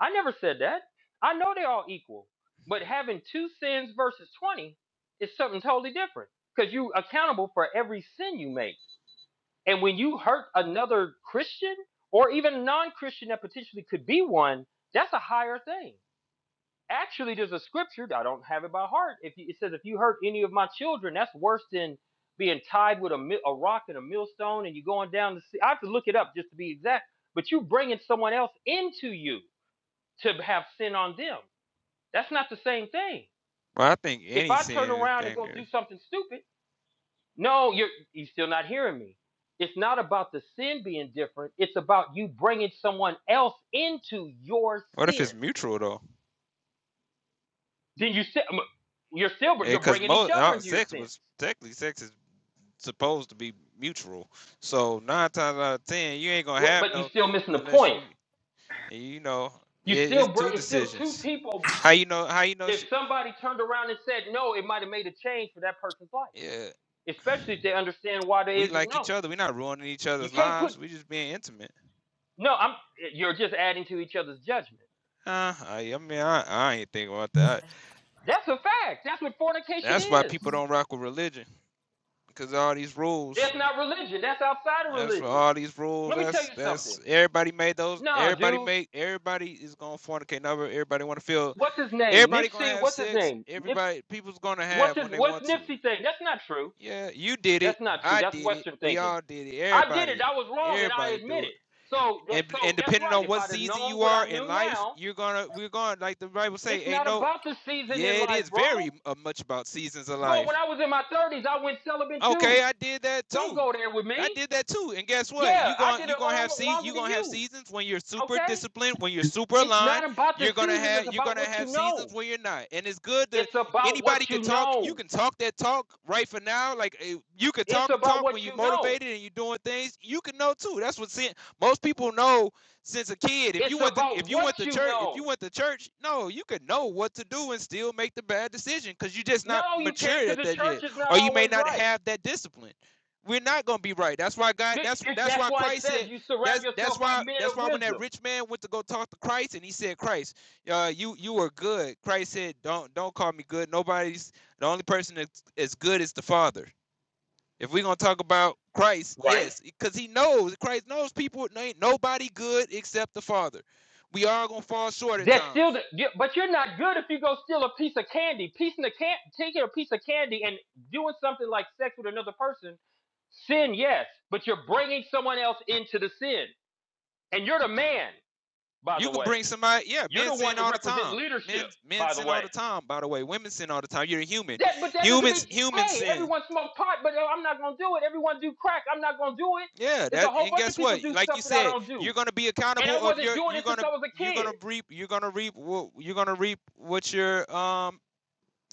I never said that. I know they're all equal, but having two sins versus 20 is something totally different because you're accountable for every sin you make. And when you hurt another Christian or even non Christian that potentially could be one, that's a higher thing actually there's a scripture i don't have it by heart if you, it says if you hurt any of my children that's worse than being tied with a, a rock and a millstone and you going down the sea i have to look it up just to be exact but you bringing someone else into you to have sin on them that's not the same thing well, I think if any i turn sin is around and go do dangerous. something stupid no you're you're still not hearing me it's not about the sin being different it's about you bringing someone else into your What if sin it's mutual though? Then you still um, you're still you're Because bringing each most other uh, into your sex sins. was technically sex is supposed to be mutual. So nine times out of ten, you ain't gonna have but you are no still missing the unless point. you you know it, You it's still bring two it's still two decisions. people. How you know? How you know? If She, somebody turned around and said no, it might have made a change for that person's life, yeah, especially if they understand why there we is is like no. each other. We're not ruining each You other's can't put lives. We just being intimate. no. I'm you're just adding to each other's judgment. Uh, I, I mean, I, I ain't thinking about that. That's a fact. That's what fornication That's why is. people don't rock with religion because all these rules. That's not religion. That's outside of That's for religion. all these rules. Let me tell That's you something. that's everybody made those. Nah, Everybody dude. made. Everybody is gonna fornicate. Never. Everybody want to feel What's his name? Everybody gonna Nipsey. have What's his sex. name? Nips. Everybody, people's gonna What's have when his they What's want to. Nipsey thing? That's not true. Yeah, you did it. That's not true. I That's did it. Western We thinking. all did it. I did it. Everybody, I was wrong, and I everybody admit do it. it. So, that, And so and that's depending right. on If what I'd have season known you what are I in knew life, now, you're gonna we're gonna like the Bible say, it's ain't not no. about the season in Yeah, it life, is bro. very uh, much about seasons of Bro, life. when I was in my thirties, I went celibate too. Okay, I did that Don't too. go there with me. I did that too. And guess what? Yeah, You I going did it you going to long, have see you longer than going to have you. seasons when you're super Okay. disciplined, when you're super It's aligned. not about the You're going to season. have It's you're going about to what have you seasons know. when you're not. And it's good to It's about what anybody you could talk. You know. can talk that talk right for now. Like eh, you could It's talk and about talk what when you're you know. motivated and you're doing things. You can know too. That's what sin, most people know since a kid. If you It's went to if about you what went to you church, if you know. went to church, no, you could know what to do and still make the bad decision cuz you're just not No, you can't, matured because at the that yet church is not or you may always not right. have that discipline. We're not going to be right. That's why God. Th- That's it- that's That's why why it Christ says said. you surround That's that's yourself by why men that's of why when that wisdom. rich man went to go talk to Christ and he said, Christ, uh, you you are good. Christ said, don't don't call me good. Nobody's the only person that's as good is the Father. If we're gonna talk about Christ, Right? yes, because he knows Christ knows people ain't nobody good except the Father. We are gonna fall short at That's still, times the, yeah, but you're not good if you go steal a piece of candy, piece in the can, taking a piece of candy and doing something like sex with another person. Sin, yes, but you're bringing someone else into the sin, and you're the man, by You the can way. bring somebody, yeah, You're men the one sin that all the represents time. leadership, Men men by the sin all way. the time, by the way. Women sin all the time. You're a human. That, but that doesn't mean, Humans humans hey, sin. everyone smoke pot, but uh, I'm not gonna do it. Everyone do crack, I'm not gonna do it. Yeah, It's a that whole and bunch of guess what? people do Like stuff you that I said, don't do. you're gonna be And I accountable of wasn't your doing you're it since gonna I was a you're kid. gonna reap you're gonna reap you're gonna reap what your um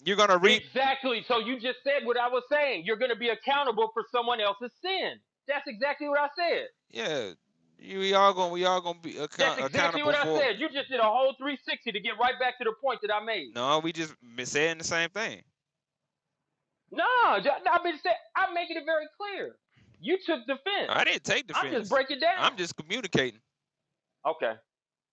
you're gonna reap Exactly. So you just said what I was saying. You're going to be accountable for someone else's sin. That's exactly what I said. yeah you we all gonna we all gonna be That's account, exactly accountable what I for said. You just did a whole 360 to get right back to the point that I made. no we just been saying the same thing No, I've been saying, I'm making it very clear. You took defense. i didn't take I'm just defense breaking down. i'm just communicating Okay.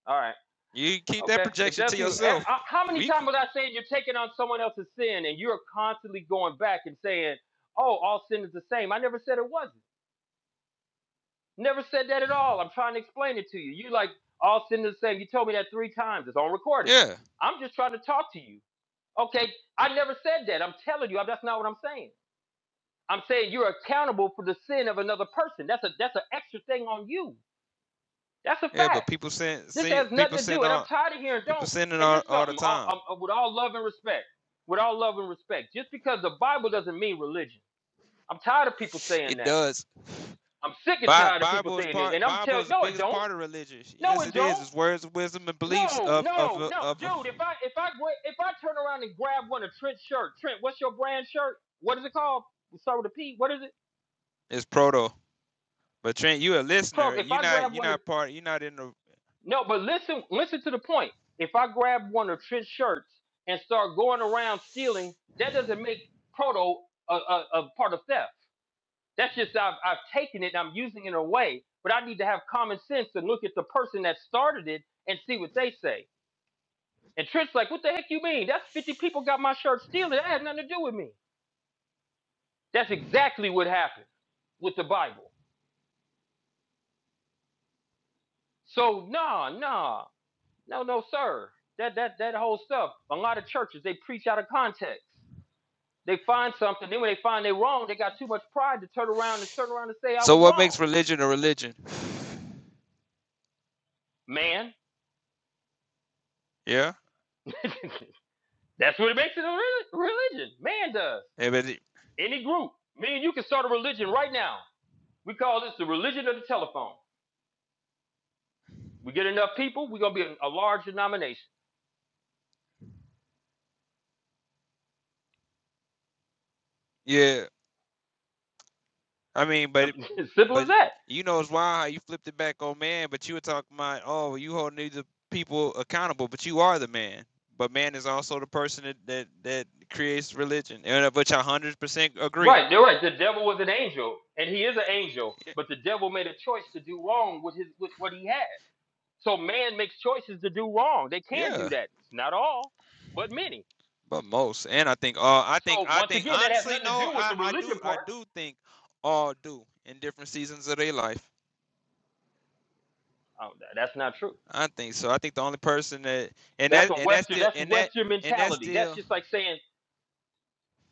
All right. you keep that Okay. If projection to that's you, eh, yourself uh, how many we times can was I saying you're taking on someone else's sin and you're constantly going back and saying, oh, all sin is the same? I never said it wasn't. Never said that at all. I'm trying to explain it to you. You like all sitting the same. You told me that three times. It's on recording. yeah I'm just trying to talk to you. Okay, I never said that. I'm telling you, that's not what I'm saying. I'm saying you're accountable for the sin of another person. That's a that's an extra thing on you. That's a Yeah, but fact. people send This see has people nothing to send do. And I'm all tired of hearing people don't. sending And all here's all the something. All, time. um, uh, with all love and respect. With all love and respect. Just because the Bible doesn't mean religion. I'm tired of people saying It that. does. I'm sick and Bi- tired of people Bible is saying it. part. And I'm Bible telling is the no, it biggest don't. part of religion. No, Yes, it it is. don't. It's words of wisdom and beliefs No, of of no, a- no, of. a- dude. If I if I if I turn around and grab one of Trent's shirt, Trent, what's your brand shirt? What is it called? Start with a P. What is it? It's proto. But Trent, you a Pro. listener. If You I not grab you one of not part. You not in the. no, but listen, listen to the point. If I grab one of Trent's shirts and start going around stealing, that doesn't make proto a, a, a part of theft. That's just I've I've taken it and I'm using it in a way. But I need to have common sense and look at the person that started it and see what they say. And Trent's like, what the heck you mean? That's 50 people got my shirt stealing. That had nothing to do with me. That's exactly what happened with the Bible. So nah, nah, no, no, sir. That that that whole stuff. A lot of churches they preach out of context. They find something, then when they find they are wrong, they got too much pride to turn around and turn around and say I So was what wrong. makes religion a religion? Man, Yeah. that's what it makes it a reli- religion. Man does. Yeah. But it- Any group. Me and you can start a religion right now. We call this the religion of the telephone. We get enough people, we're gonna be a large denomination. yeah. I mean, I but mean, as Simple but as that. you know it's wild how you flipped it back on man. But you were talking about oh, you holding these people accountable, but you are the man. But man is also the person that that, that creates religion, and of which I hundred percent agree. Right, they're right. The devil was an angel, and he is an angel, but the devil made a choice to do wrong with his with what he had. So man makes choices to do wrong. They can Yeah, do that. It's not all, but many. but most, and I think all, uh, I think So I once think again, that has honestly, nothing to do no, with I the I religion do I part. do think all do in different seasons of their life. Oh, tha- that's not true. I think so. I think the only person that and That's that a and that's Western. still That's and that Western and that's mentality. That's still just like saying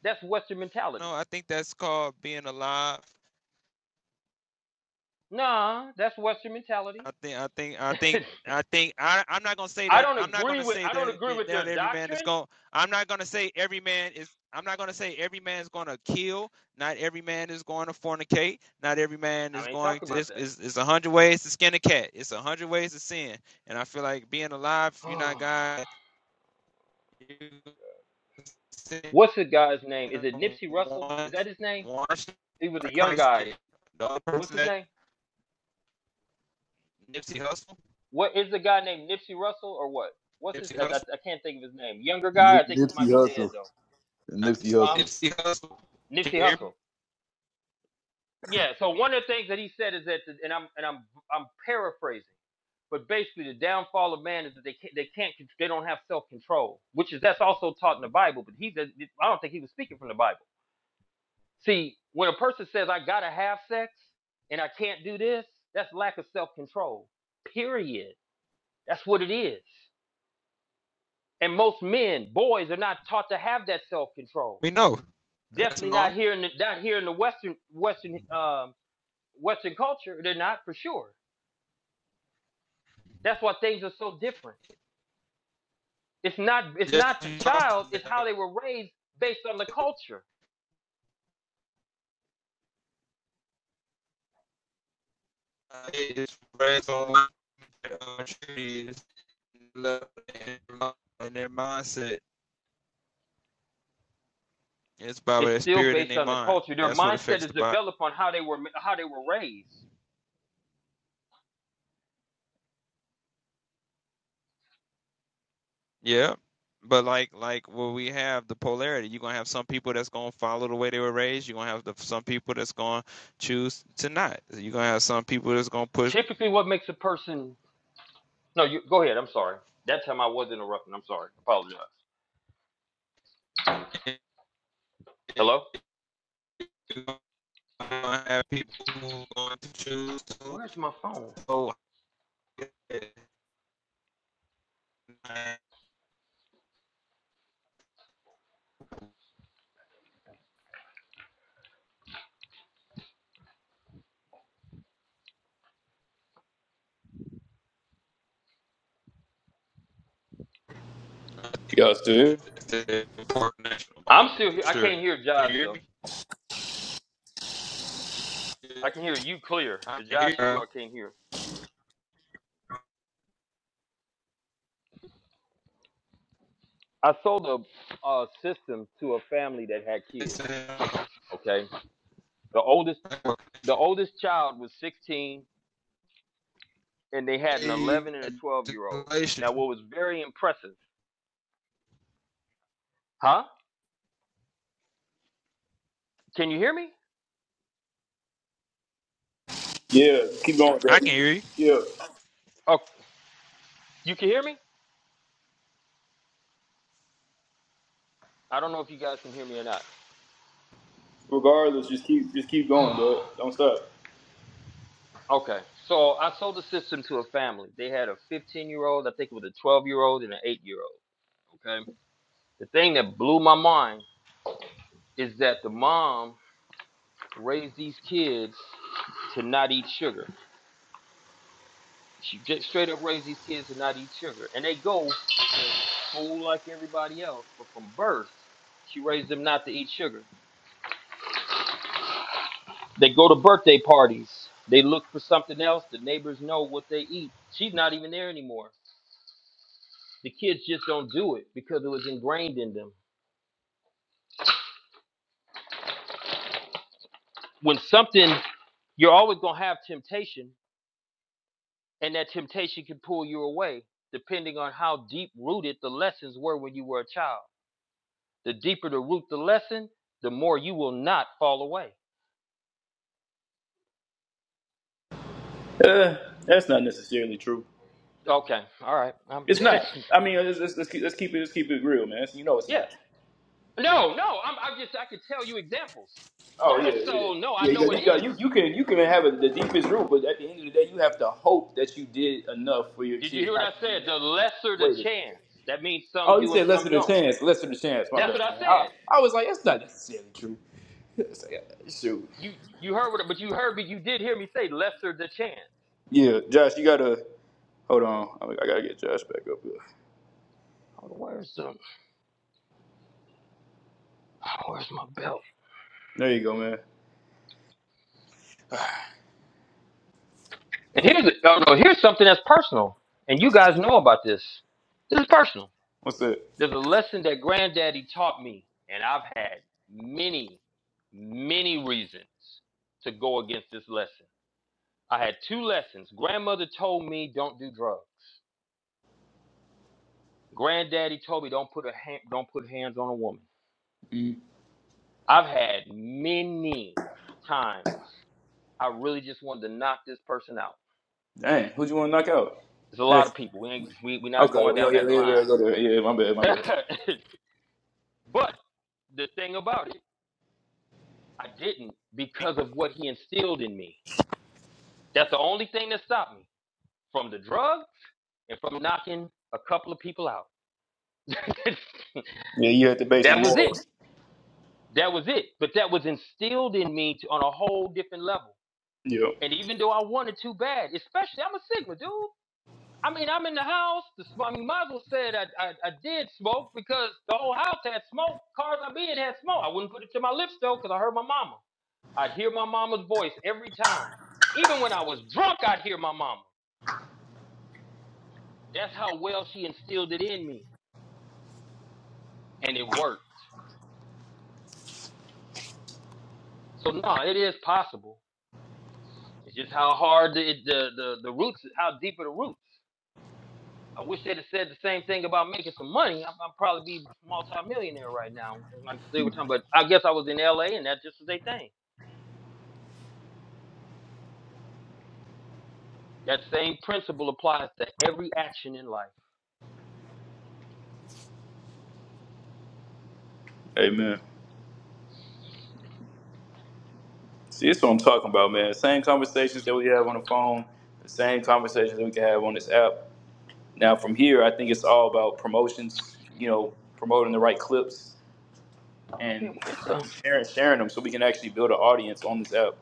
that's Western mentality. no. I think that's called being alive Nah, that's Western mentality. I think I think I think I think I I'm not gonna say I that don't I'm not agree gonna with say I don't that, agree with that not their every man is doctrine. going I'm not gonna say every man is I'm not gonna say every man is gonna kill. Not every man is going to fornicate. Not every man is I mean, going talk to. about It's, it's, that. it's a hundred ways to skin a cat. It's a hundred ways to sin. And I feel like being alive, if you're not God. You sin What's the guy's name? Is it Nipsey Russell? one, Is that his name? one, He was a like young Christ guy. did. The other What's person his that name? Nipsey Hussle, What is the guy named Nipsey Russell or what? What's his? Nipsey I, Hussle. I, I can't think of his name. Younger guy. Nip, I think he Nipsey might be dead Hussle. though. Nipsey That's Huh? Hussle. Nipsey Hustle. Can Nipsey Hussle. Yeah. So one of the things that he said is that, the, and I'm and I'm I'm paraphrasing, but basically the downfall of man is that they can't, they can't they don't have self control, which is that's also taught in the Bible. But he I don't think he was speaking from the Bible See, when a person says, I gotta have sex and I can't do this, that's lack of self control. Period. That's what it is. And most men, boys, are not taught to have that self control. We know. That's Definitely not not. here in the not here in the Western Western um, Western culture. They're not for sure. That's why things are so different. It's not it's just not the you talk child. about It's how that, they were raised based on the culture. uh, it spreads online. Uh, trees, love, and their mindset. It's by It's their still spirit and based their on the mind. culture. Their That's what mindset affects the is body. developed on how they were how they were raised. Yeah. But like like where we have, the polarity. You're gonna have some people that's gonna follow the way they were raised. You're gonna have the, some people that's gonna choose to not. You're gonna have some people that's gonna push Typically, what makes a person No, you go ahead. I'm sorry. That time I was interrupting. I'm sorry. Apologize. You're Hello? going going have people who are going to choose to. Where's my phone? So I think Yes, dude. it's an important national I'm body still for here. I can't sure. hear Can Josh you hear though. me? Yeah, I can hear you clear. I It's can Josh hear. is who you. I can't hear. I sold a, a system to a family that had kids. It's a uh, Okay. The oldest network the connection. oldest child was 16 and they had an Hey, 11 and a 12 year old. Now what was very impressive, huh? Can you hear me? Yeah, keep going, I Dad. can hear you. Yeah. Oh, you can hear me? I don't know if you guys can hear me or not. Regardless, just keep just keep going, Dad. Don't stop. Okay, so I sold the system to a family. They had a 15 year old, I think it was a 12 year old, and an 8 year old. Okay, the thing that blew my mind is that the mom raised these kids to not eat sugar. She just straight up raised these kids to not eat sugar, and they go to school like everybody else. But from birth, she raised them not to eat sugar. They go to birthday parties. They look for something else. The neighbors know what they eat. She's not even there anymore. The kids just don't do it because it was ingrained in them. When something, you're always going to have temptation, and that temptation can pull you away depending on how deep rooted the lessons were when you were a child. The deeper the root the lesson, the more you will not fall away. Uh, that's not necessarily true. Okay, all right. I'm It's not. I mean, let's, let's, let's, keep, let's keep it let's keep it real, man. That's- you know, it's yeah. not. No, no. I'm, I'm just. I could tell you examples. Oh yeah, it is. so no, I Yeah, you, know it got, is. you, you you can you can have a, the deepest root, but at the end of the day, you have to hope that you did enough for your Did you kid. hear what Not I said? The lesser the waited. chance. That means some Oh, you do and said less some than a don't. chance. Less than a chance. My That's bad, what I man. said. I, I was like, that's not necessarily true. It's like, uh, shoot. You you heard what? But you heard me. You did hear me say lesser the chance. Yeah, Josh, you gotta hold on. I, I gotta get Josh back up here. Hold on, Where's the where's my belt? There you go, man. And here's oh no, no, here's something that's personal, and you guys know about this. This is personal. What's that? There's a lesson that Granddaddy taught me, and I've had many, many reasons to go against this lesson. I had two lessons. Grandmother told me don't do drugs. Granddaddy told me don't put a hand, don't put hands on a woman. Mm. I've had many times I really just wanted to knock this person out. Dang, who'd you want to knock out? There's a lot of Next. people. We ain't we we not Okay. going Yeah, down yeah, yeah, that yeah, line. go there. Yeah, my bad, my bad. but the thing about it, I didn't because of what he instilled in me. That's the only thing that stopped me from the drug and from knocking a couple of people out. that Yeah, you had the basic was it. morals. That was it. But that was instilled in me to, on a whole different level. Yeah. And even though I wanted too bad, especially I'm a Sigma dude. I mean, I'm in the house. The, sm- I mean, Mazel said I, I, I did smoke because the whole house had smoke. Cars I be in had smoke. I wouldn't put it to my lips though because I heard my mama. I'd hear my mama's voice every time. Even when I was drunk, I'd hear my mama. That's how well she instilled it in me, and it worked. So no, it is possible. It's just how hard the it- the the, the roots, how deep are the roots. I wish they'd have said the same thing about making some money. I'm, I'd probably be multi-millionaire right now. And Like they were talking, but I guess I was in L.A. and that just was their thing. That same principle applies to every action in life. Hey, man. See, that's what I'm talking about, man. Same conversations that we have on the phone, the same conversations that we can have on this app. Now, from here, I think it's all about promotions, you know, promoting the right clips Man, and where's the? sharing, sharing them so we can actually build an audience on this app.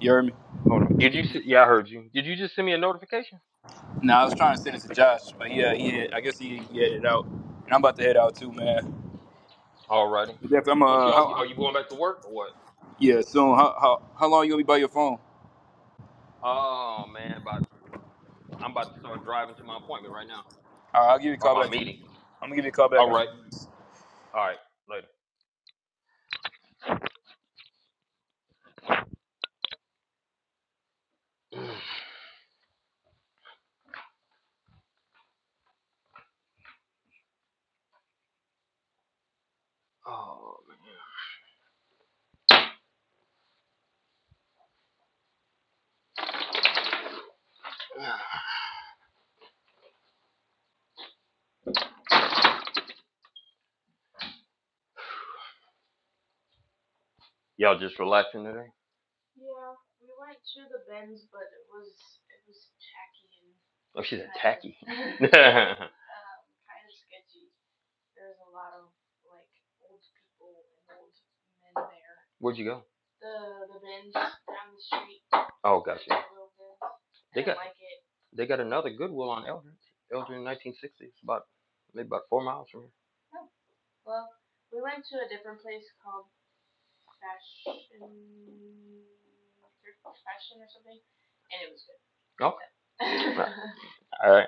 You heard me? Hold on. Did you see? Yeah, I heard you. Did you just send me a notification? Now, I was trying to send it to Josh, but yeah, he had, I guess he, he had it out. And I'm about to head out too, man. Alrighty. But Jeff, I'm What uh, y'all? how, Are you going back to work or what? Yeah, so how how how long you gonna be by your phone? Oh man, about I'm about to start driving to my appointment right now All right, I'll give you a or call my back. I'm meeting. gonna give you a call back All in a few right. minutes. All right. Later. Oh man. Y'all just relaxing today? Oh, she's a tacky. Where'd you go? Oh, gotcha. They got they got another Goodwill on Eldridge. Eldridge in 1960s, about maybe about four miles from here. Okay. All right.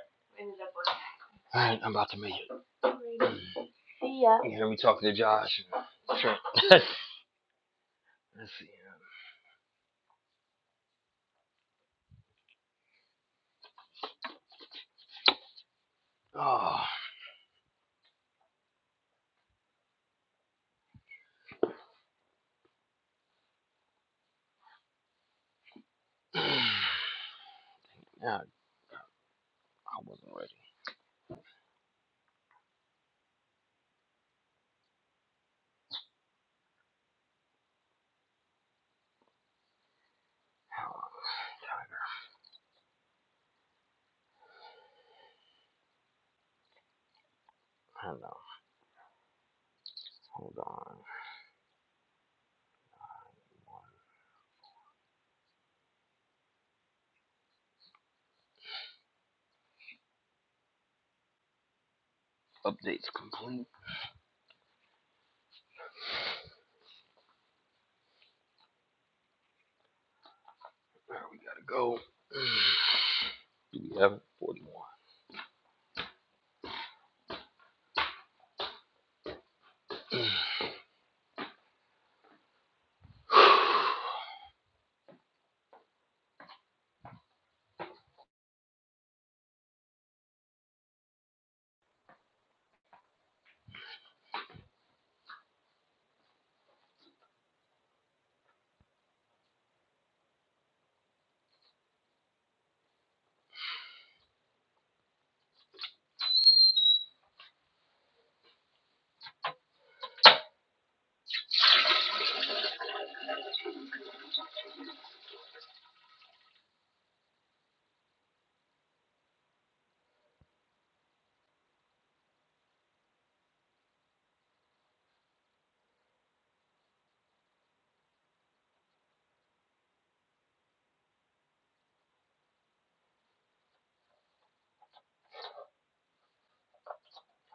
All right. I'm about to make it. See You am gonna be talking to Josh. Sure. Let's see. Oh, yeah. I wasn't ready. I don't know. Hold on. Updates complete. Where we gotta go? Do we have it? 41.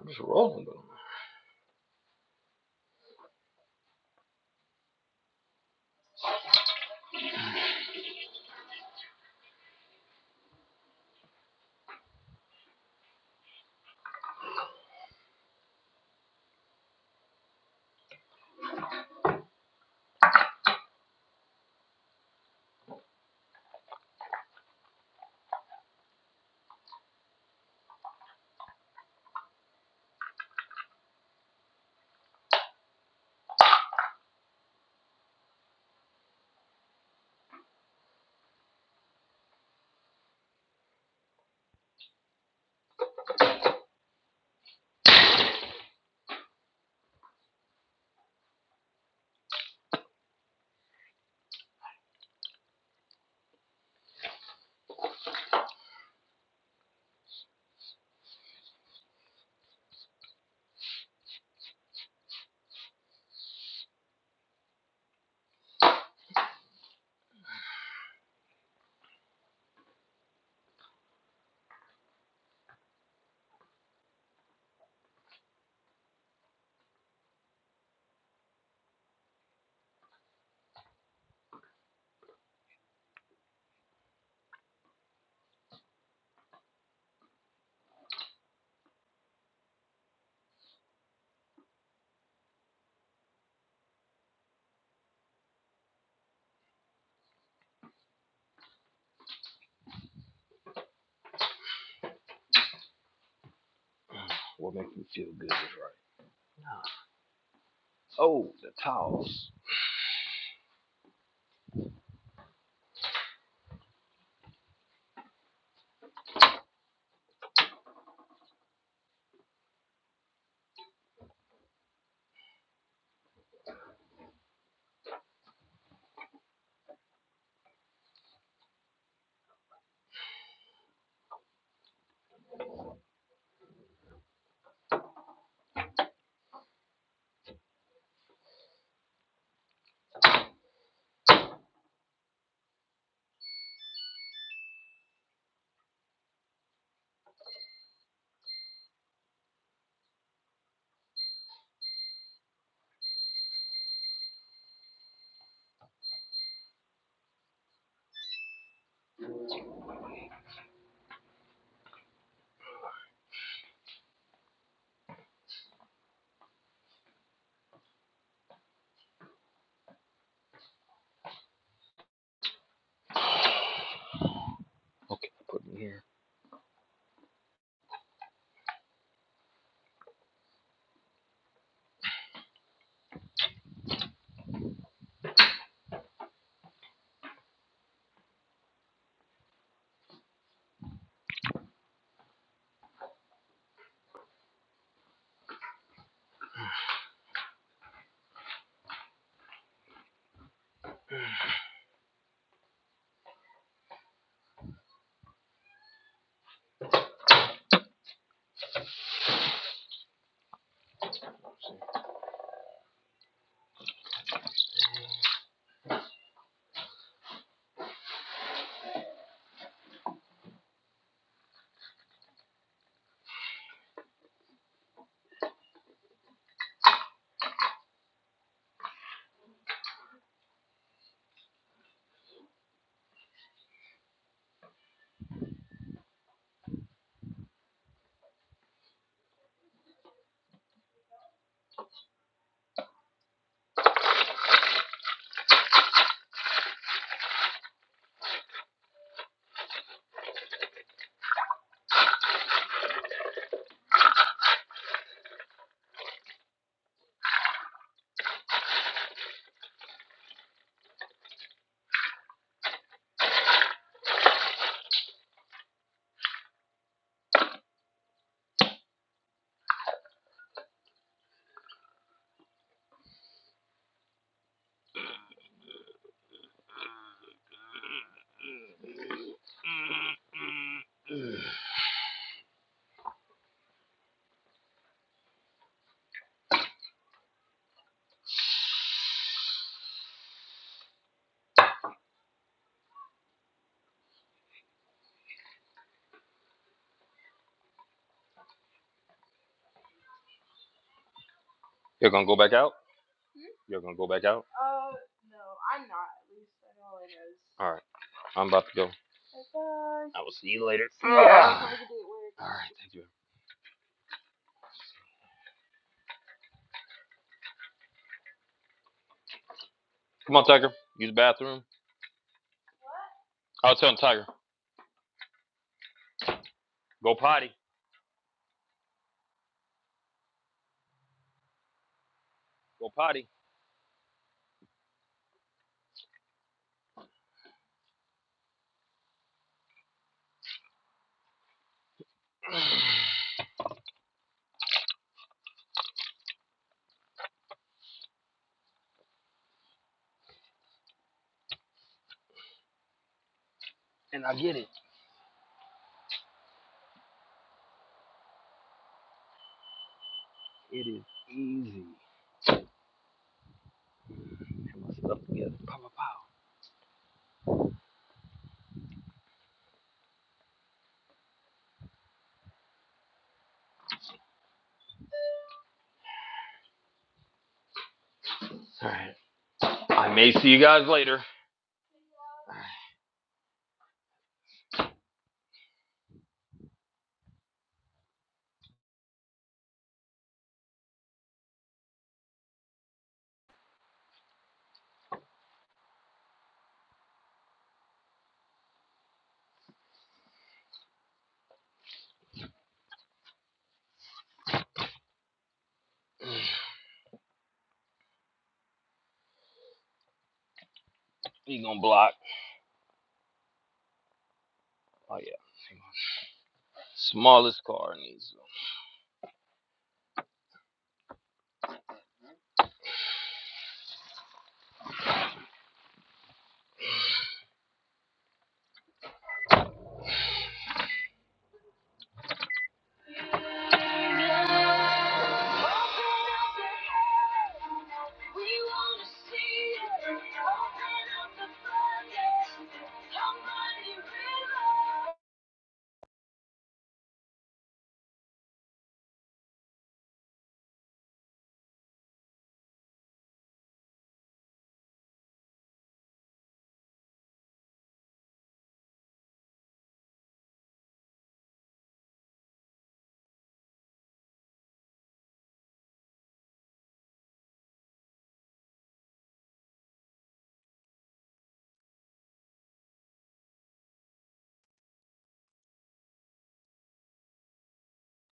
I'm just rolling though. What makes me feel good is right. Oh, the towels. Okay, put me here. You're gonna go back out. You're gonna go back out. All right. I'm about to go. I will see you later. All right, thank you. Come on, Tiger. Use the bathroom. I was telling Tiger, go potty, go potty, and I get it. It is easy. Put my stuff together. Pow, pow, pow. All right. I may see you guys later. You gonna block? Oh yeah. Smallest car needs